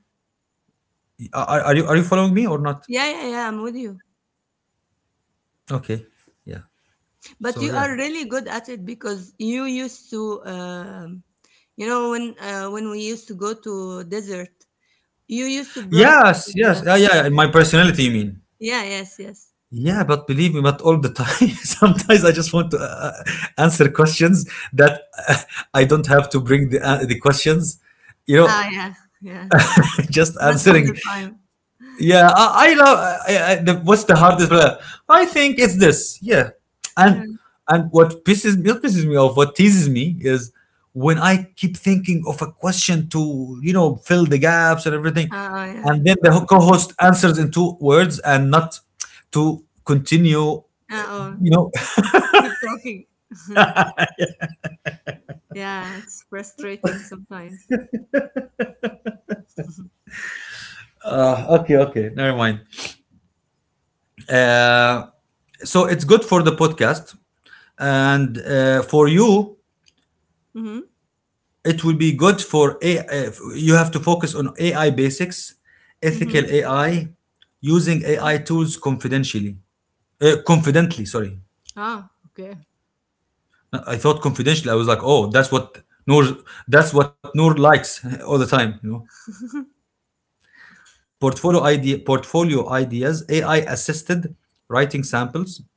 [SPEAKER 1] Are you, are you following me or not?
[SPEAKER 2] Yeah, yeah, yeah. I'm with you.
[SPEAKER 1] Okay. Yeah.
[SPEAKER 2] But
[SPEAKER 1] So
[SPEAKER 2] you
[SPEAKER 1] yeah.
[SPEAKER 2] are really good at it because you used to, when we used to go to desert, you used to brought.
[SPEAKER 1] Yes, yes,
[SPEAKER 2] Uh,
[SPEAKER 1] yeah, yeah, yeah. My personality, you mean.
[SPEAKER 2] yeah. Yes. Yes.
[SPEAKER 1] Yeah, but believe me, not all the time. Sometimes I just want to uh, answer questions that uh, I don't have to bring the questions, you know.
[SPEAKER 2] Ah. Yeah. Yeah.
[SPEAKER 1] Just
[SPEAKER 2] Not all the
[SPEAKER 1] answering.
[SPEAKER 2] time.
[SPEAKER 1] Yeah, I love, what's the hardest blah? I think it's this. Yeah. and
[SPEAKER 2] Yeah.
[SPEAKER 1] and what pisses me, not pisses me off, what teases me is when I keep thinking of a question to, you know, fill the gaps and everything,
[SPEAKER 2] Oh. Yeah.
[SPEAKER 1] and then the co-host answers in two words and not to continue,
[SPEAKER 2] Oh.
[SPEAKER 1] you know.
[SPEAKER 2] Keep talking. Yeah. It's frustrating sometimes.
[SPEAKER 1] Okay, okay, never mind. uh, so it's good for the podcast, and for you,
[SPEAKER 2] Mm-hmm.
[SPEAKER 1] it will be good for AI. You have to focus on AI basics, ethical
[SPEAKER 2] Mm-hmm.
[SPEAKER 1] AI, using AI tools confidentially, confidently. Sorry,
[SPEAKER 2] Ah. Okay.
[SPEAKER 1] no, I thought confidentially. I was like, oh, that's what Noor likes all the time. You know, portfolio ideas, AI assisted writing samples,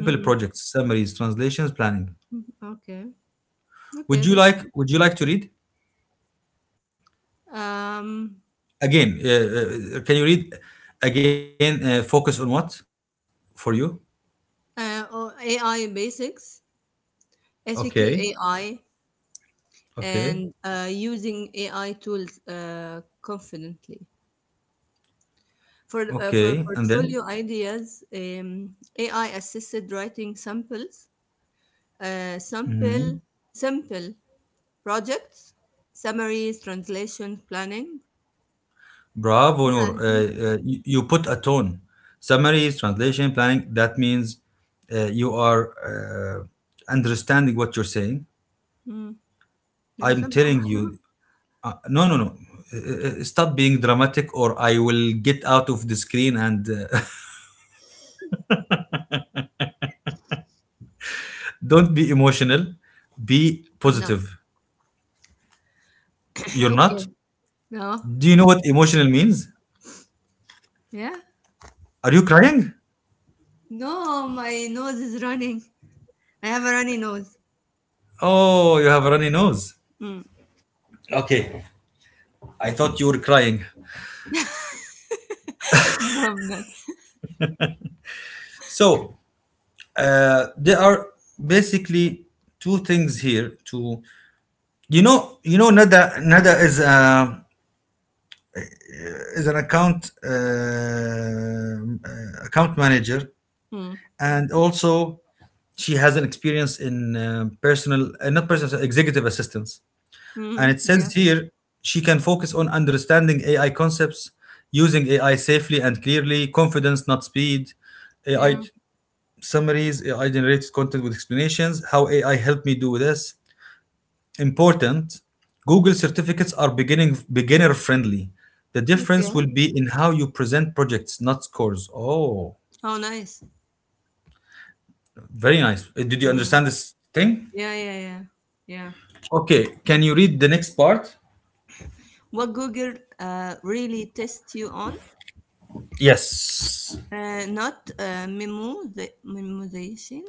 [SPEAKER 2] Mm-hmm.
[SPEAKER 1] projects, summaries, translations, planning.
[SPEAKER 2] Mm-hmm. Okay.
[SPEAKER 1] Would
[SPEAKER 2] Okay.
[SPEAKER 1] you
[SPEAKER 2] That's
[SPEAKER 1] like? Would you like to read
[SPEAKER 2] um.
[SPEAKER 1] again? Can you read again? Focus on what for you?
[SPEAKER 2] Or AI basics,
[SPEAKER 1] Okay,
[SPEAKER 2] ethical AI,
[SPEAKER 1] okay,
[SPEAKER 2] and using AI tools confidently. For, uh,
[SPEAKER 1] okay.
[SPEAKER 2] for
[SPEAKER 1] And then,
[SPEAKER 2] portfolio ideas, AI assisted writing samples, uh, sample, sample projects, summaries, translation, planning.
[SPEAKER 1] bravo,
[SPEAKER 2] Yeah,
[SPEAKER 1] Noor.
[SPEAKER 2] I think.
[SPEAKER 1] You, you put a tone. Summaries, translation, planning. That means you are understanding what you're saying.
[SPEAKER 2] Mm, yeah,
[SPEAKER 1] I'm
[SPEAKER 2] somehow.
[SPEAKER 1] telling you, no, no, no. Stop being dramatic, or I will get out of the screen. And don't be emotional. Be
[SPEAKER 2] I'm not.
[SPEAKER 1] positive. You're not.
[SPEAKER 2] Okay. No.
[SPEAKER 1] Do you know what emotional means?
[SPEAKER 2] Yeah.
[SPEAKER 1] Are you crying?
[SPEAKER 2] No, my nose is running. I have a runny nose.
[SPEAKER 1] Oh, you have a runny nose.
[SPEAKER 2] Mm.
[SPEAKER 1] Okay. I thought you were crying.
[SPEAKER 2] No, I'm not.
[SPEAKER 1] So there are basically two things here. To, you know, Nada is a is an account account manager,
[SPEAKER 2] Mm.
[SPEAKER 1] and also she has an experience in personal, not personal, executive assistance. And
[SPEAKER 2] Mhm.
[SPEAKER 1] it
[SPEAKER 2] Yeah,
[SPEAKER 1] says here she can focus on understanding AI concepts, using AI safely and clearly, confidence, not speed. AI
[SPEAKER 2] yeah.
[SPEAKER 1] summaries, AI generated content with explanations, how AI helped me do this. Important, Google certificates are beginning beginner friendly. The difference
[SPEAKER 2] Okay.
[SPEAKER 1] will be in how you present projects, not scores. Oh,
[SPEAKER 2] Oh, nice.
[SPEAKER 1] very nice. Did you
[SPEAKER 2] Mm.
[SPEAKER 1] understand this thing?
[SPEAKER 2] Yeah, yeah, yeah, yeah.
[SPEAKER 1] Okay, can you read the next part?
[SPEAKER 2] What Google really tests you on?
[SPEAKER 1] Yes.
[SPEAKER 2] Not the memorization,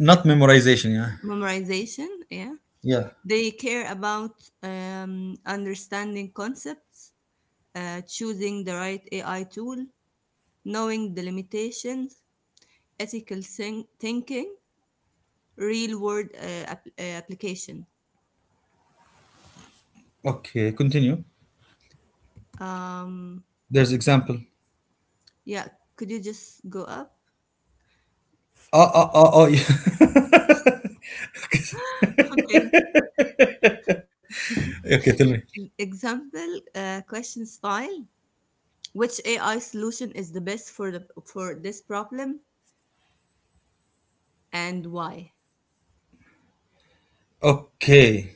[SPEAKER 1] Not memorization, yeah.
[SPEAKER 2] memorization. Yeah,
[SPEAKER 1] Yeah.
[SPEAKER 2] they care about understanding concepts, choosing the right AI tool, knowing the limitations, ethical thinking, real-world application.
[SPEAKER 1] Okay, continue.
[SPEAKER 2] Um,
[SPEAKER 1] There's example.
[SPEAKER 2] yeah. Could you just go up?
[SPEAKER 1] Oh, oh, oh, oh, yeah.
[SPEAKER 2] Okay.
[SPEAKER 1] Okay, tell me.
[SPEAKER 2] Example question style. Which AI solution is the best for the for this problem and why?
[SPEAKER 1] Okay.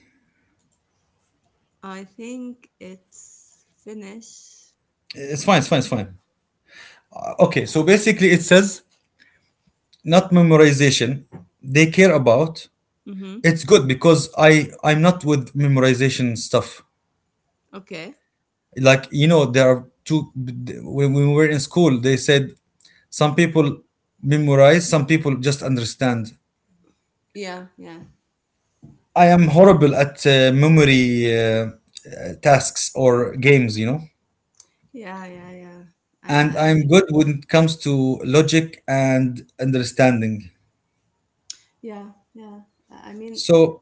[SPEAKER 2] I think it's Finnish.
[SPEAKER 1] It's
[SPEAKER 2] Hold
[SPEAKER 1] fine, it's fine,
[SPEAKER 2] on.
[SPEAKER 1] it's fine. Okay, so basically it says not memorization, they care about,
[SPEAKER 2] Mm-hmm.
[SPEAKER 1] it's good because I'm not with memorization stuff,
[SPEAKER 2] Okay.
[SPEAKER 1] like, you know, there are two, when we were in school they said some people memorize, some people just understand.
[SPEAKER 2] Yeah. Yeah.
[SPEAKER 1] I am horrible at memory tasks or games, you know.
[SPEAKER 2] Yeah. Yeah. Yeah. Uh,
[SPEAKER 1] And
[SPEAKER 2] uh, uh,
[SPEAKER 1] I'm good when it comes to logic and understanding.
[SPEAKER 2] yeah. Yeah. I mean.
[SPEAKER 1] So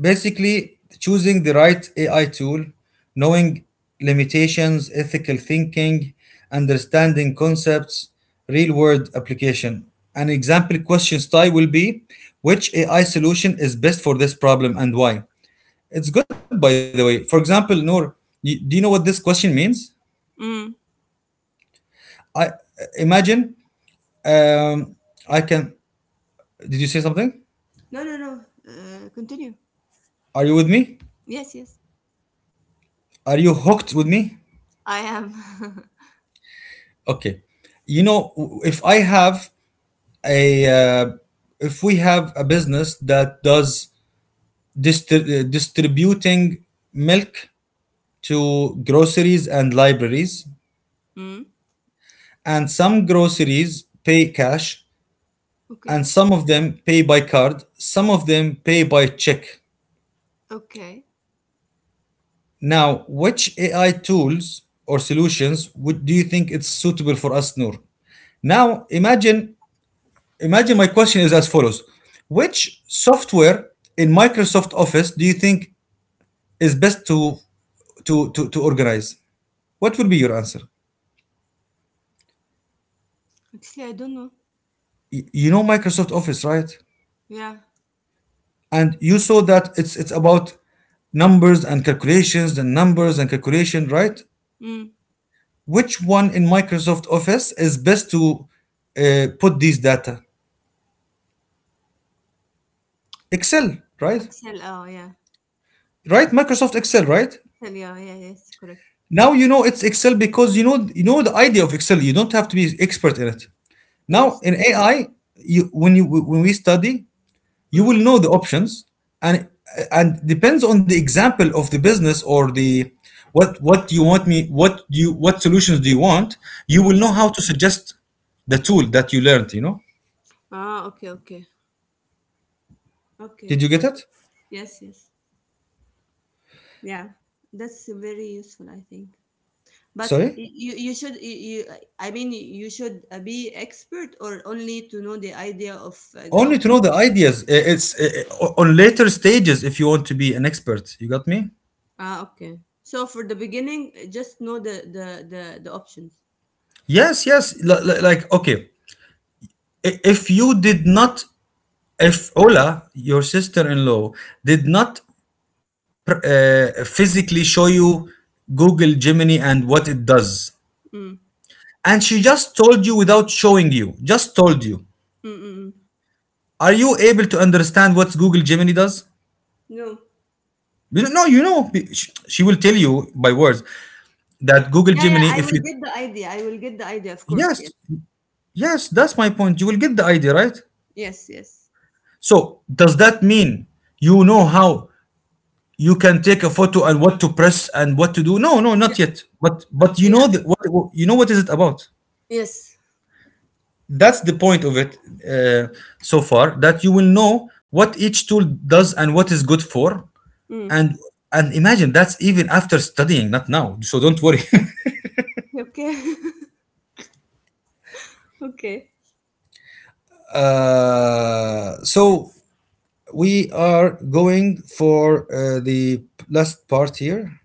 [SPEAKER 1] basically, choosing the right AI tool, knowing limitations, ethical thinking, understanding concepts, real world application. An example question style will be, which AI solution is best for this problem and why? It's good, by the way. For example, Noor, you, do you know what this question means?
[SPEAKER 2] Mm.
[SPEAKER 1] I imagine, um, I can. Did you say something?
[SPEAKER 2] No. No. No. Continue.
[SPEAKER 1] Are you with me?
[SPEAKER 2] Yes. Yes.
[SPEAKER 1] Are you hooked with me?
[SPEAKER 2] I am.
[SPEAKER 1] Okay. You know, if I have a, uh, if we have a business that does distributing milk to groceries and libraries,
[SPEAKER 2] Mm.
[SPEAKER 1] and some groceries pay cash, and
[SPEAKER 2] Okay.
[SPEAKER 1] some of them pay by card, some of them pay by check.
[SPEAKER 2] Okay.
[SPEAKER 1] Now, which AI tools or solutions would, do you think it's suitable for us, Noor? Now, imagine, imagine my question is as follows. Which software in Microsoft Office do you think is best to to organize? What would be your answer?
[SPEAKER 2] Actually, I don't know.
[SPEAKER 1] You know Microsoft Office, right?
[SPEAKER 2] Yeah.
[SPEAKER 1] And you saw that it's about numbers and calculations and numbers and calculation, right?
[SPEAKER 2] Mm.
[SPEAKER 1] Which one in Microsoft Office is best to put these data? Excel, right?
[SPEAKER 2] Excel. Oh, yeah.
[SPEAKER 1] Right, Microsoft Excel, right?
[SPEAKER 2] Excel. Yeah. Yeah. Yes. Correct.
[SPEAKER 1] Now you know it's Excel because you know, you know the idea of Excel. You don't have to be expert in it. Now
[SPEAKER 2] Yes.
[SPEAKER 1] in AI, you, when you, when we study, you will
[SPEAKER 2] Mm,
[SPEAKER 1] know the options, and and depends on the example of the business or the, what you want me, what you, what solutions do you want, you will
[SPEAKER 2] mm.
[SPEAKER 1] know how to suggest the tool that you learned, you know?
[SPEAKER 2] Ah, okay, okay,
[SPEAKER 1] Did
[SPEAKER 2] okay.
[SPEAKER 1] you get it?
[SPEAKER 2] Yes, yes. Yeah, that's very useful, I think. But
[SPEAKER 1] Sorry?
[SPEAKER 2] you should, you, I mean, you should be expert or only to know the idea of the
[SPEAKER 1] Only to know
[SPEAKER 2] option.
[SPEAKER 1] the ideas. It's on later stages if you want to be an expert. You got me?
[SPEAKER 2] Ah, okay. So for the beginning, just know the options.
[SPEAKER 1] Yes, yes. Like, okay, if you did not, if Ola, your sister in law, did not physically show you Google Gemini and what it does.
[SPEAKER 2] Mm,
[SPEAKER 1] And she just told you without showing you, just told you.
[SPEAKER 2] mm, mm, mm.
[SPEAKER 1] Are you able to understand what Google Gemini does?
[SPEAKER 2] No.
[SPEAKER 1] No, you know, she will tell you by words that Google
[SPEAKER 2] Yeah, yeah.
[SPEAKER 1] Gemini,
[SPEAKER 2] I
[SPEAKER 1] if
[SPEAKER 2] will
[SPEAKER 1] you,
[SPEAKER 2] get the idea. I will get the idea. Of course. Yes.
[SPEAKER 1] yes, yes, that's my point. You will get the idea, right?
[SPEAKER 2] Yes. Yes.
[SPEAKER 1] So, does that mean you know how you can take a photo and what to press and what to do? No, no, not yet. But you
[SPEAKER 2] Yeah. Yeah.
[SPEAKER 1] know the, what you know what is it about?
[SPEAKER 2] Yes.
[SPEAKER 1] That's the point of it uh, so far, that you will know what each tool does and what is good for.
[SPEAKER 2] Mm.
[SPEAKER 1] And and imagine, that's even after studying, not now, so don't worry.
[SPEAKER 2] Okay. Okay.
[SPEAKER 1] So we are going for the last part here,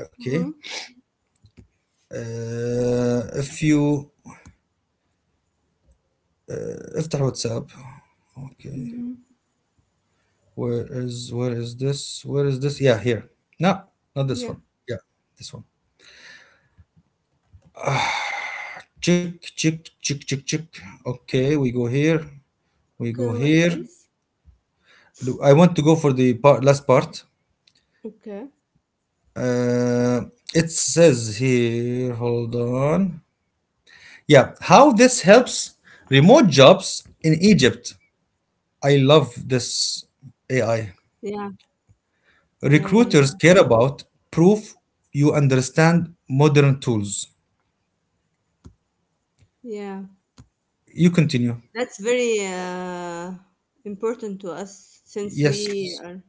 [SPEAKER 1] okay.
[SPEAKER 2] Mm-hmm.
[SPEAKER 1] If you افتح واتساب, okay.
[SPEAKER 2] Mm-hmm.
[SPEAKER 1] Where is this? Where is this? Yeah, here. No, not this
[SPEAKER 2] Yeah.
[SPEAKER 1] one. Yeah, this one. Check, check, check, check, check. Okay, we go here.
[SPEAKER 2] Okay,
[SPEAKER 1] We
[SPEAKER 2] what
[SPEAKER 1] go here.
[SPEAKER 2] else?
[SPEAKER 1] I want to go for the part, last part.
[SPEAKER 2] Okay.
[SPEAKER 1] Uh, it says here, hold on. Yeah, how this helps remote jobs in Egypt. I love this AI.
[SPEAKER 2] Yeah, yeah, yeah, yeah.
[SPEAKER 1] Recruiters care about proof you understand modern tools.
[SPEAKER 2] Yeah.
[SPEAKER 1] You continue.
[SPEAKER 2] That's very important to us since we
[SPEAKER 1] Yes.
[SPEAKER 2] are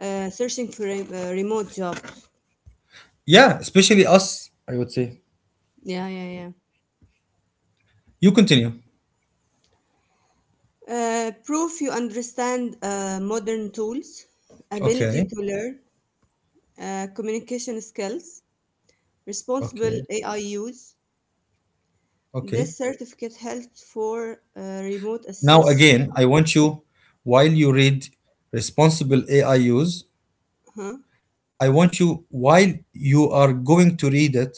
[SPEAKER 2] searching for remote jobs.
[SPEAKER 1] Yeah, especially us, I would say.
[SPEAKER 2] Yeah, yeah, yeah.
[SPEAKER 1] You continue.
[SPEAKER 2] Proof you understand modern tools, ability
[SPEAKER 1] Okay.
[SPEAKER 2] to learn, communication skills, responsible
[SPEAKER 1] Okay.
[SPEAKER 2] AI use.
[SPEAKER 1] Okay.
[SPEAKER 2] This certificate helps for remote
[SPEAKER 1] Now,
[SPEAKER 2] assist.
[SPEAKER 1] again, I want you, while you read responsible AI use,
[SPEAKER 2] Huh?
[SPEAKER 1] I want you, while you are going to read it,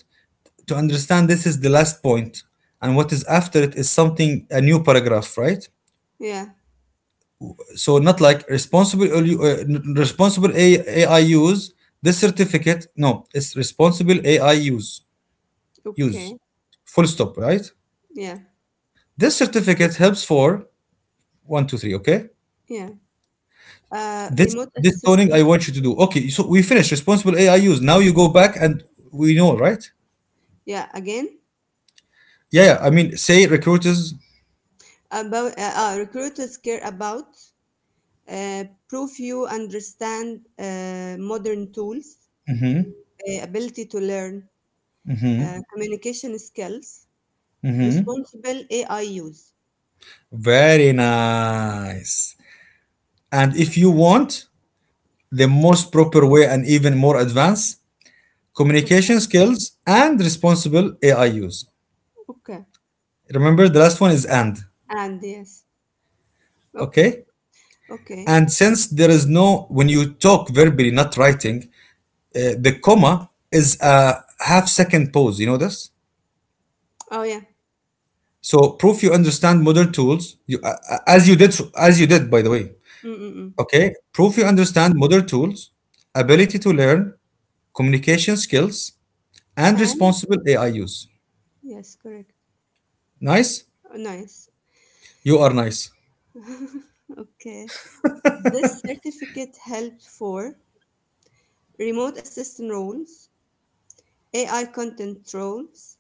[SPEAKER 1] to understand this is the last point, and what is after it is something, a new paragraph, right?
[SPEAKER 2] Yeah.
[SPEAKER 1] So, not like responsible, AI use, this certificate, no, it's responsible AI use, use,
[SPEAKER 2] Okay.
[SPEAKER 1] full stop, right?
[SPEAKER 2] Yeah.
[SPEAKER 1] This certificate helps for one, two, three, okay?
[SPEAKER 2] Yeah.
[SPEAKER 1] this
[SPEAKER 2] Remote
[SPEAKER 1] this toning I
[SPEAKER 2] assistance.
[SPEAKER 1] want you to do. Okay, so we finished responsible AI use. Now you go back and we know, right?
[SPEAKER 2] Yeah, again,
[SPEAKER 1] Yeah, yeah. I mean, say recruiters,
[SPEAKER 2] about recruiters care about proof you understand modern tools, ability to learn, communication skills, responsible AI use.
[SPEAKER 1] very nice. And if you want the most proper way and even more advanced communication
[SPEAKER 2] Okay,
[SPEAKER 1] skills and responsible AI use.
[SPEAKER 2] okay,
[SPEAKER 1] Remember, the last one is and.
[SPEAKER 2] and yes,
[SPEAKER 1] Okay.
[SPEAKER 2] okay, okay.
[SPEAKER 1] And since there is no, when you talk verbally, not writing, the comma is a half second pause. You know this?
[SPEAKER 2] Oh, yeah,
[SPEAKER 1] So proof you understand modern tools, you, as you did, by the way.
[SPEAKER 2] mm, mm,
[SPEAKER 1] Okay, proof you
[SPEAKER 2] mm. Mm.
[SPEAKER 1] understand modern tools, ability to learn, communication skills, and
[SPEAKER 2] And
[SPEAKER 1] responsible AI use.
[SPEAKER 2] yes, correct.
[SPEAKER 1] Nice.
[SPEAKER 2] Oh, nice.
[SPEAKER 1] You are nice.
[SPEAKER 2] Okay. This certificate helped for remote assistant roles, AI content roles,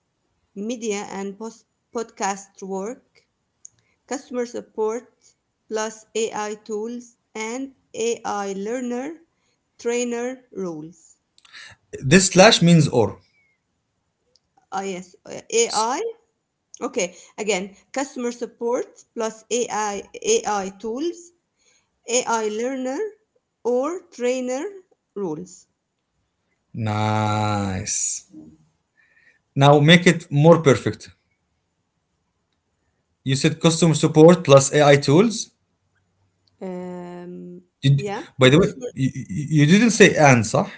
[SPEAKER 2] media and post podcast work, customer support, plus AI tools and AI learner trainer rules.
[SPEAKER 1] This slash means or.
[SPEAKER 2] Ah, yes, AI. Okay, again, customer support plus AI tools, AI learner or trainer rules.
[SPEAKER 1] Nice. Now make it more perfect. You said customer support plus AI tools.
[SPEAKER 2] Um,
[SPEAKER 1] Did,
[SPEAKER 2] yeah,
[SPEAKER 1] by the way,
[SPEAKER 2] customer.
[SPEAKER 1] you, you didn't say and, صح?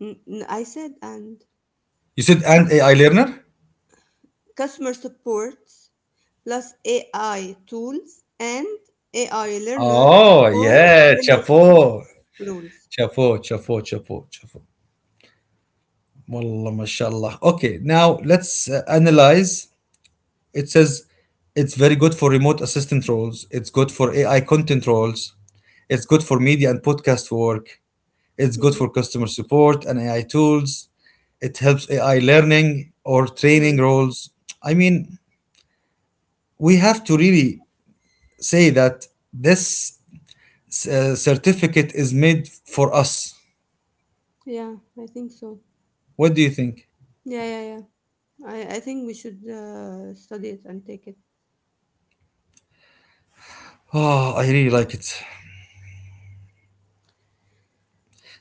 [SPEAKER 2] I said and
[SPEAKER 1] You said and AI learner?
[SPEAKER 2] customer support plus AI tools and AI learner
[SPEAKER 1] Oh,
[SPEAKER 2] or
[SPEAKER 1] yeah,
[SPEAKER 2] learner support
[SPEAKER 1] chapeau.
[SPEAKER 2] rules.
[SPEAKER 1] Chapeau, chapeau, chapeau, chapeau. Wallah, mashallah. Okay, now let's analyze. It says it's very good for remote assistant roles. It's good for AI content roles. It's good for media and podcast work. It's good for
[SPEAKER 2] Mm-hmm.
[SPEAKER 1] customer support and AI tools. It helps AI learning or training
[SPEAKER 2] Mm.
[SPEAKER 1] roles. I mean, we have to really say that this certificate is made for us.
[SPEAKER 2] Yeah, I think so.
[SPEAKER 1] What do you think?
[SPEAKER 2] Yeah, yeah, yeah. I think we should study it and take it.
[SPEAKER 1] Oh, I really like it.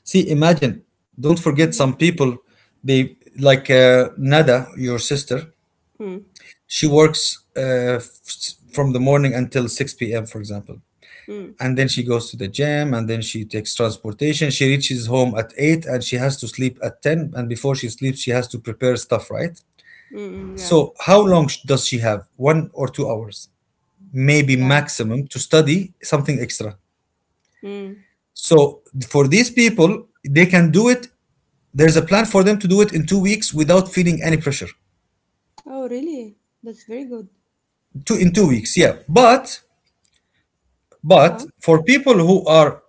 [SPEAKER 1] See, imagine. Don't forget
[SPEAKER 2] Mm-hmm.
[SPEAKER 1] some people. They like Nada, your sister.
[SPEAKER 2] Mm,
[SPEAKER 1] She works from the morning until six p.m. For example,
[SPEAKER 2] mm,
[SPEAKER 1] and then she goes to the gym, and then she takes transportation. She reaches home at 8, and she has to sleep at 10. And before she sleeps, she has to prepare stuff, right?
[SPEAKER 2] mm, mm. Yeah,
[SPEAKER 1] So, how long does she have? 1 or 2 hours, maybe
[SPEAKER 2] yeah.
[SPEAKER 1] maximum, to study something extra.
[SPEAKER 2] Mm.
[SPEAKER 1] So for these people, they can do it, there's a plan for them to do it in 2 weeks without feeling any pressure.
[SPEAKER 2] Oh, really? That's very good.
[SPEAKER 1] 2 weeks, yeah,
[SPEAKER 2] Uh,
[SPEAKER 1] but for people who are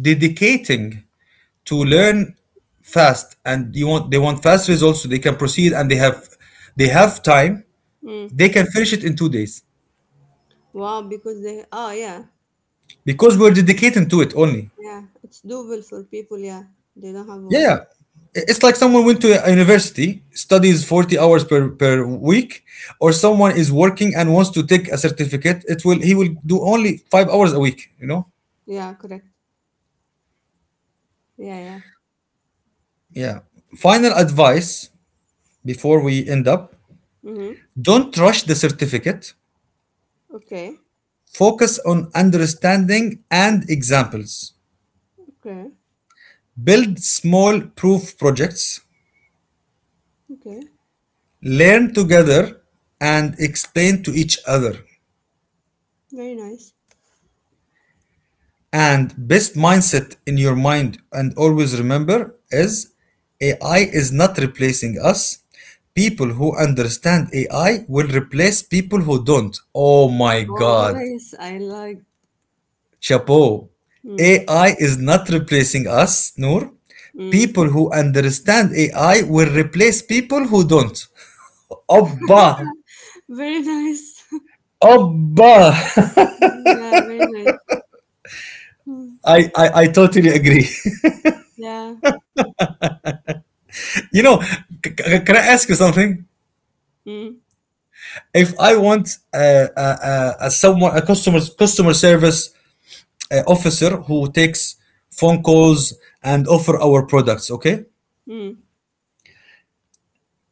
[SPEAKER 1] dedicating to learn fast, and you want they want fast results, so they can proceed, and they have time,
[SPEAKER 2] mm.
[SPEAKER 1] they can finish it in 2 days
[SPEAKER 2] Wow, because they, oh, yeah,
[SPEAKER 1] because we're dedicating to it only.
[SPEAKER 2] yeah. It's doable for people, yeah. They don't have
[SPEAKER 1] Yeah,
[SPEAKER 2] work.
[SPEAKER 1] yeah. It's like someone went to a university, studies 40 hours per week, or someone is working and wants to take a certificate, it will he will do only 5 hours a week, you know.
[SPEAKER 2] Yeah, correct. Yeah, yeah.
[SPEAKER 1] Yeah. Final advice before we end up,
[SPEAKER 2] Mm-hmm.
[SPEAKER 1] don't rush the certificate.
[SPEAKER 2] Okay,
[SPEAKER 1] Focus on understanding and examples.
[SPEAKER 2] okay,
[SPEAKER 1] Build small proof projects.
[SPEAKER 2] okay.
[SPEAKER 1] Learn together and explain to each other.
[SPEAKER 2] Very nice.
[SPEAKER 1] And best mindset in your mind, and always remember, is AI is not replacing us. People who understand AI will replace people who don't. Oh my
[SPEAKER 2] Oh,
[SPEAKER 1] God.
[SPEAKER 2] nice. I like.
[SPEAKER 1] Chapeau.
[SPEAKER 2] Mm,
[SPEAKER 1] AI is not replacing us, Noor.
[SPEAKER 2] mm.
[SPEAKER 1] People who understand AI will replace people who don't. Obba.
[SPEAKER 2] Very nice.
[SPEAKER 1] Obba.
[SPEAKER 2] Yeah, very nice. Mm,
[SPEAKER 1] I totally agree.
[SPEAKER 2] yeah.
[SPEAKER 1] you know, can I ask you something?
[SPEAKER 2] Mm,
[SPEAKER 1] If I want someone, a customer service officer who takes phone calls and offer our products, okay?
[SPEAKER 2] mm,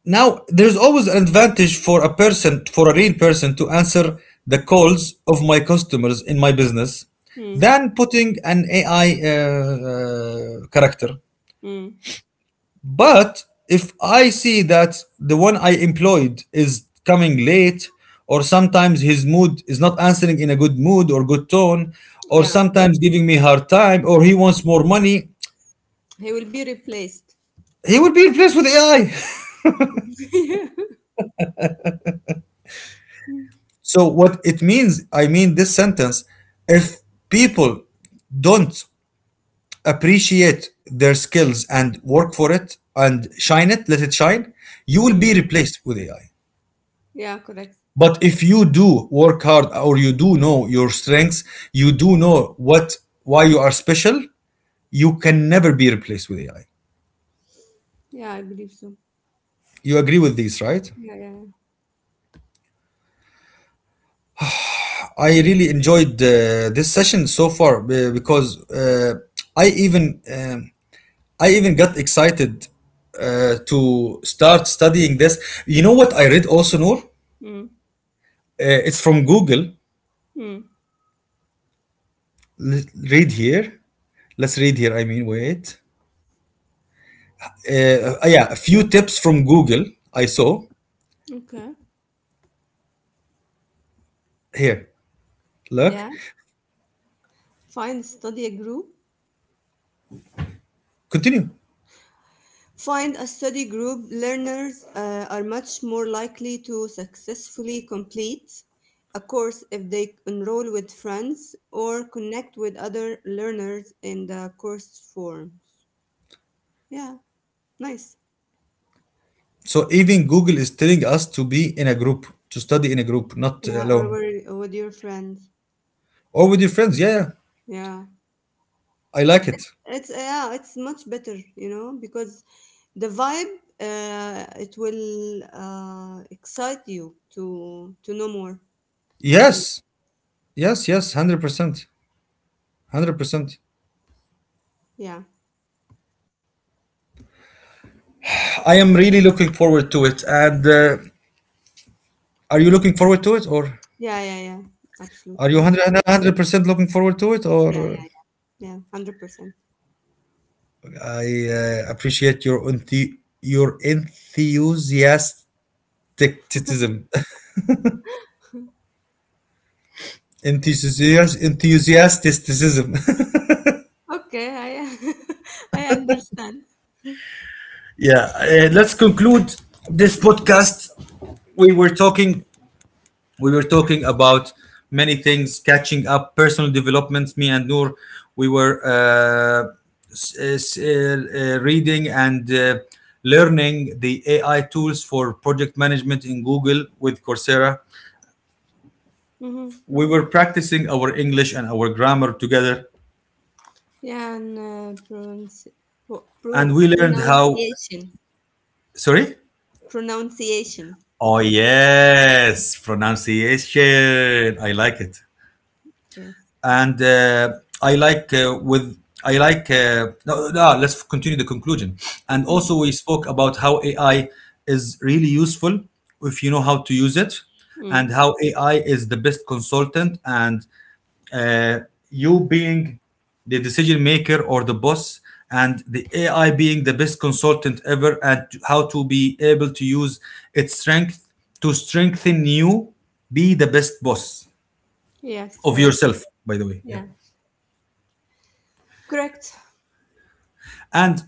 [SPEAKER 1] Now, there's always an advantage for a person, for a real person, to answer the calls of my customers in my business
[SPEAKER 2] mm,
[SPEAKER 1] than putting an AI character.
[SPEAKER 2] mm.
[SPEAKER 1] But if I see that the one I employed is coming late, or sometimes his mood is not answering in a good mood or good tone, or
[SPEAKER 2] Yeah,
[SPEAKER 1] sometimes giving me hard time, or he wants more money,
[SPEAKER 2] he will be replaced.
[SPEAKER 1] he will be replaced with AI.
[SPEAKER 2] Yeah.
[SPEAKER 1] So what it means, I mean this sentence, if people don't appreciate their skills and work for it and shine it, let it shine, you will
[SPEAKER 2] Mm.
[SPEAKER 1] be replaced with AI.
[SPEAKER 2] Yeah, correct.
[SPEAKER 1] But if you do work hard, or you do know your strengths, you do know what why you are special, you can never be replaced with AI.
[SPEAKER 2] Yeah, I believe so.
[SPEAKER 1] You agree with these, right?
[SPEAKER 2] Yeah, yeah, yeah.
[SPEAKER 1] I really enjoyed this session so far because I even um I even got excited to start studying this. You know what I read also, Noor?
[SPEAKER 2] Mm,
[SPEAKER 1] It's from Google.
[SPEAKER 2] mm.
[SPEAKER 1] L- Read here. Let's read here. I mean, wait. Yeah, a few tips from Google I saw.
[SPEAKER 2] Okay.
[SPEAKER 1] Here,
[SPEAKER 2] Yeah.
[SPEAKER 1] look.
[SPEAKER 2] Find study a group
[SPEAKER 1] Continue.
[SPEAKER 2] Find a study group. Learners are much more likely to successfully complete a course if they enroll with friends or connect with other learners in the course forums. Yeah, nice.
[SPEAKER 1] So even Google is telling us to be in a group, to study in a group, not
[SPEAKER 2] Yeah, or
[SPEAKER 1] alone.
[SPEAKER 2] with your friends.
[SPEAKER 1] Or with your friends. Yeah, yeah.
[SPEAKER 2] Yeah,
[SPEAKER 1] I like it.
[SPEAKER 2] it's much better, because the vibe it will excite you to know more. I believe.
[SPEAKER 1] Yes, yes, yes, 100%. 100%.
[SPEAKER 2] Yeah,
[SPEAKER 1] I am really looking forward to it. And are you looking forward to it, or
[SPEAKER 2] yeah, yeah, yeah.
[SPEAKER 1] are you
[SPEAKER 2] Absolutely.
[SPEAKER 1] 100% looking forward to it?
[SPEAKER 2] Yeah, yeah.
[SPEAKER 1] Or
[SPEAKER 2] Yeah, 100%.
[SPEAKER 1] I appreciate your your enthusiasticism, enthusiasm, enthusiasticism.
[SPEAKER 2] Okay, I I understand.
[SPEAKER 1] yeah, let's conclude this podcast. We were talking we were talking about many things, catching up, personal developments, me and Noor. We were reading and learning the AI tools for project management in Google with Coursera.
[SPEAKER 2] Mm-hmm.
[SPEAKER 1] We were practicing our English and our grammar together,
[SPEAKER 2] Yeah, and pro pro-
[SPEAKER 1] and we learned how,
[SPEAKER 2] pronunciation.
[SPEAKER 1] sorry,
[SPEAKER 2] Pronunciation.
[SPEAKER 1] oh yes, pronunciation, I like it.
[SPEAKER 2] Yes.
[SPEAKER 1] And I like with I like no, no, let's continue the conclusion. And
[SPEAKER 2] Mm.
[SPEAKER 1] also we spoke about how AI is really useful if you know how to use it,
[SPEAKER 2] Mm.
[SPEAKER 1] and how AI is the best consultant, and uh, you being the decision maker or the boss, and the AI being the best consultant ever, and how to be able to use its strength to strengthen you, be the best boss
[SPEAKER 2] Yes,
[SPEAKER 1] of
[SPEAKER 2] correct.
[SPEAKER 1] yourself. By the way, yeah.
[SPEAKER 2] Yeah, correct.
[SPEAKER 1] And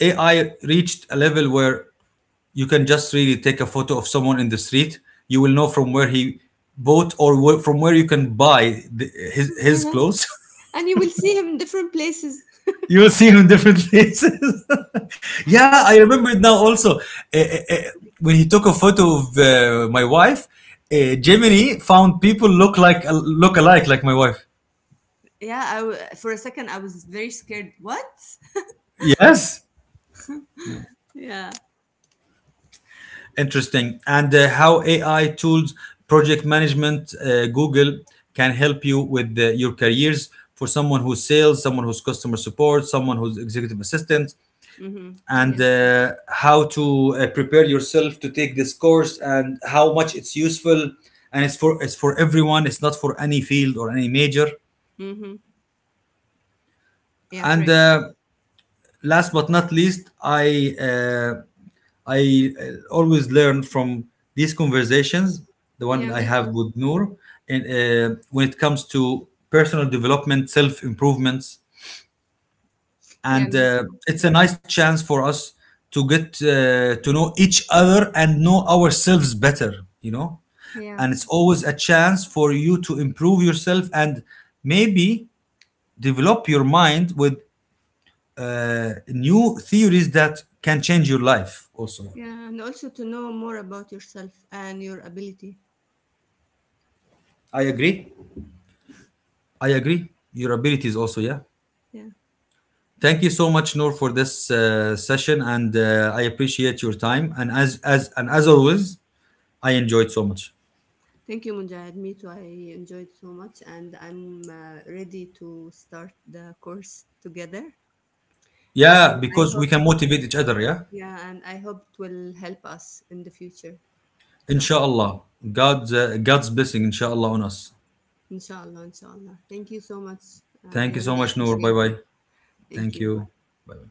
[SPEAKER 1] AI reached a level where you can just really take a photo of someone in the street. You will know from where he bought, or where, from where you can buy the, his
[SPEAKER 2] Yeah.
[SPEAKER 1] clothes.
[SPEAKER 2] And you will see him different places.
[SPEAKER 1] you will see him in different places. yeah, I remember it now also. Eh, eh, eh, when he took a photo of my wife, Gemini found people look alike like my wife.
[SPEAKER 2] Yeah, I w for a second I was very scared. What?
[SPEAKER 1] Yes.
[SPEAKER 2] Yeah.
[SPEAKER 1] Interesting. And how AI tools, project management, Google can help you with your careers, for someone who's sales, someone who's customer support, someone who's executive assistant,
[SPEAKER 2] Mm-hmm. Yeah.
[SPEAKER 1] and how to prepare yourself to take this course and how much it's useful. And it's for It's for everyone. It's not for any field or any major.
[SPEAKER 2] Mm-hmm. Yeah,
[SPEAKER 1] And
[SPEAKER 2] correct.
[SPEAKER 1] last but not least, I always learn from these conversations, the one
[SPEAKER 2] Yeah,
[SPEAKER 1] I
[SPEAKER 2] me
[SPEAKER 1] have
[SPEAKER 2] too.
[SPEAKER 1] with Noor, and when it comes to personal development, self improvements,
[SPEAKER 2] Yeah,
[SPEAKER 1] and
[SPEAKER 2] me too,
[SPEAKER 1] it's
[SPEAKER 2] actually.
[SPEAKER 1] a nice chance for us to get to know each other and know ourselves better. You know,
[SPEAKER 2] Yeah.
[SPEAKER 1] and it's always a chance for you to improve yourself and maybe develop your mind with new theories that can change your life also.
[SPEAKER 2] Yeah, and also to know more about yourself and your ability.
[SPEAKER 1] I agree i agree Your abilities also, yeah.
[SPEAKER 2] Yeah.
[SPEAKER 1] Thank you so much, Noor, for this session, and I appreciate your time, and as always, I enjoyed so much.
[SPEAKER 2] Thank you, Mujahid. Me too. I enjoyed so much, and I'm ready to start the course together. And
[SPEAKER 1] Yeah,
[SPEAKER 2] I
[SPEAKER 1] because we
[SPEAKER 2] hope,
[SPEAKER 1] can motivate each other. Yeah,
[SPEAKER 2] yeah, and I hope it will help us in the future. Inshallah.
[SPEAKER 1] inshallah. God's blessing, inshallah, on us.
[SPEAKER 2] Inshallah. Inshallah. Thank you so much. I
[SPEAKER 1] Thank you so
[SPEAKER 2] really
[SPEAKER 1] much, Noor, bye
[SPEAKER 2] appreciate it.
[SPEAKER 1] bye.
[SPEAKER 2] Thank
[SPEAKER 1] Thank
[SPEAKER 2] you.
[SPEAKER 1] you.
[SPEAKER 2] Bye.
[SPEAKER 1] Bye.